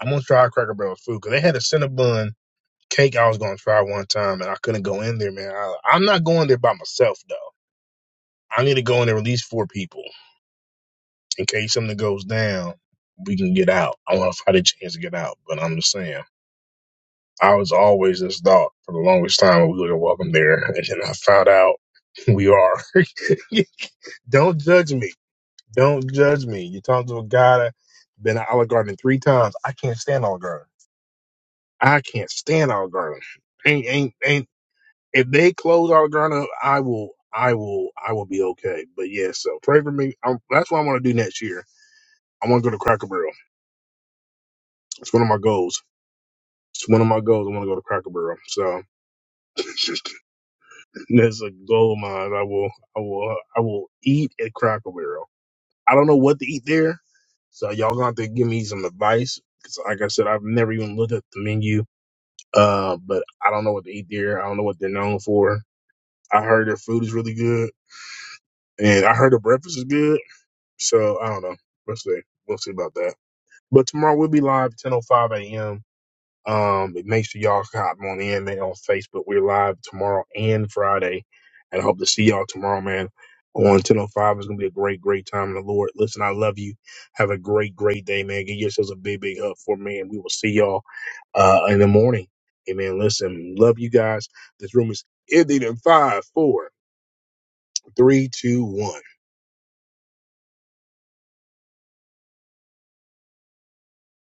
S1: I'm gonna try Cracker Barrel's food because they had a Cinnabon cake I was gonna try one time, and I couldn't go in there, man. I, I'm not going there by myself though. I need to go in there with at least four people in case something goes down. We can get out. I want to fight a chance to get out, but I'm just saying. I was always this thought for the longest time we were welcome there, and then I found out we are. Don't judge me. Don't judge me. You talk to a guy that been to Olive Garden three times. I can't stand Olive Garden. I can't stand Olive Garden. Ain't ain't ain't. If they close Olive Garden, I will I will I will be okay. But yeah, so pray for me. i that's what I want to do next year. I want to go to Cracker Barrel. It's one of my goals. It's one of my goals. I want to go to Cracker Barrel. So that's a goal of mine. I will I will I will eat at Cracker Barrel. I don't know what to eat there. So y'all gonna have to give me some advice. Cause like I said, I've never even looked at the menu. Uh, but I don't know what to eat there. I don't know what they're known for. I heard their food is really good, and I heard their breakfast is good. So I don't know. We'll see. We'll see about that. But tomorrow we'll be live at 10:05 a.m. Um, but make sure y'all hop on in there on Facebook. We're live tomorrow and Friday. And I hope to see y'all tomorrow, man. On 1005 it's gonna be a great, great time in the Lord. Listen, I love you. Have a great, great day, man. Give yourselves a big, big hug for me, and we will see y'all uh in the morning. Amen. Listen, love you guys. This room is ending in five, four, three, two, one.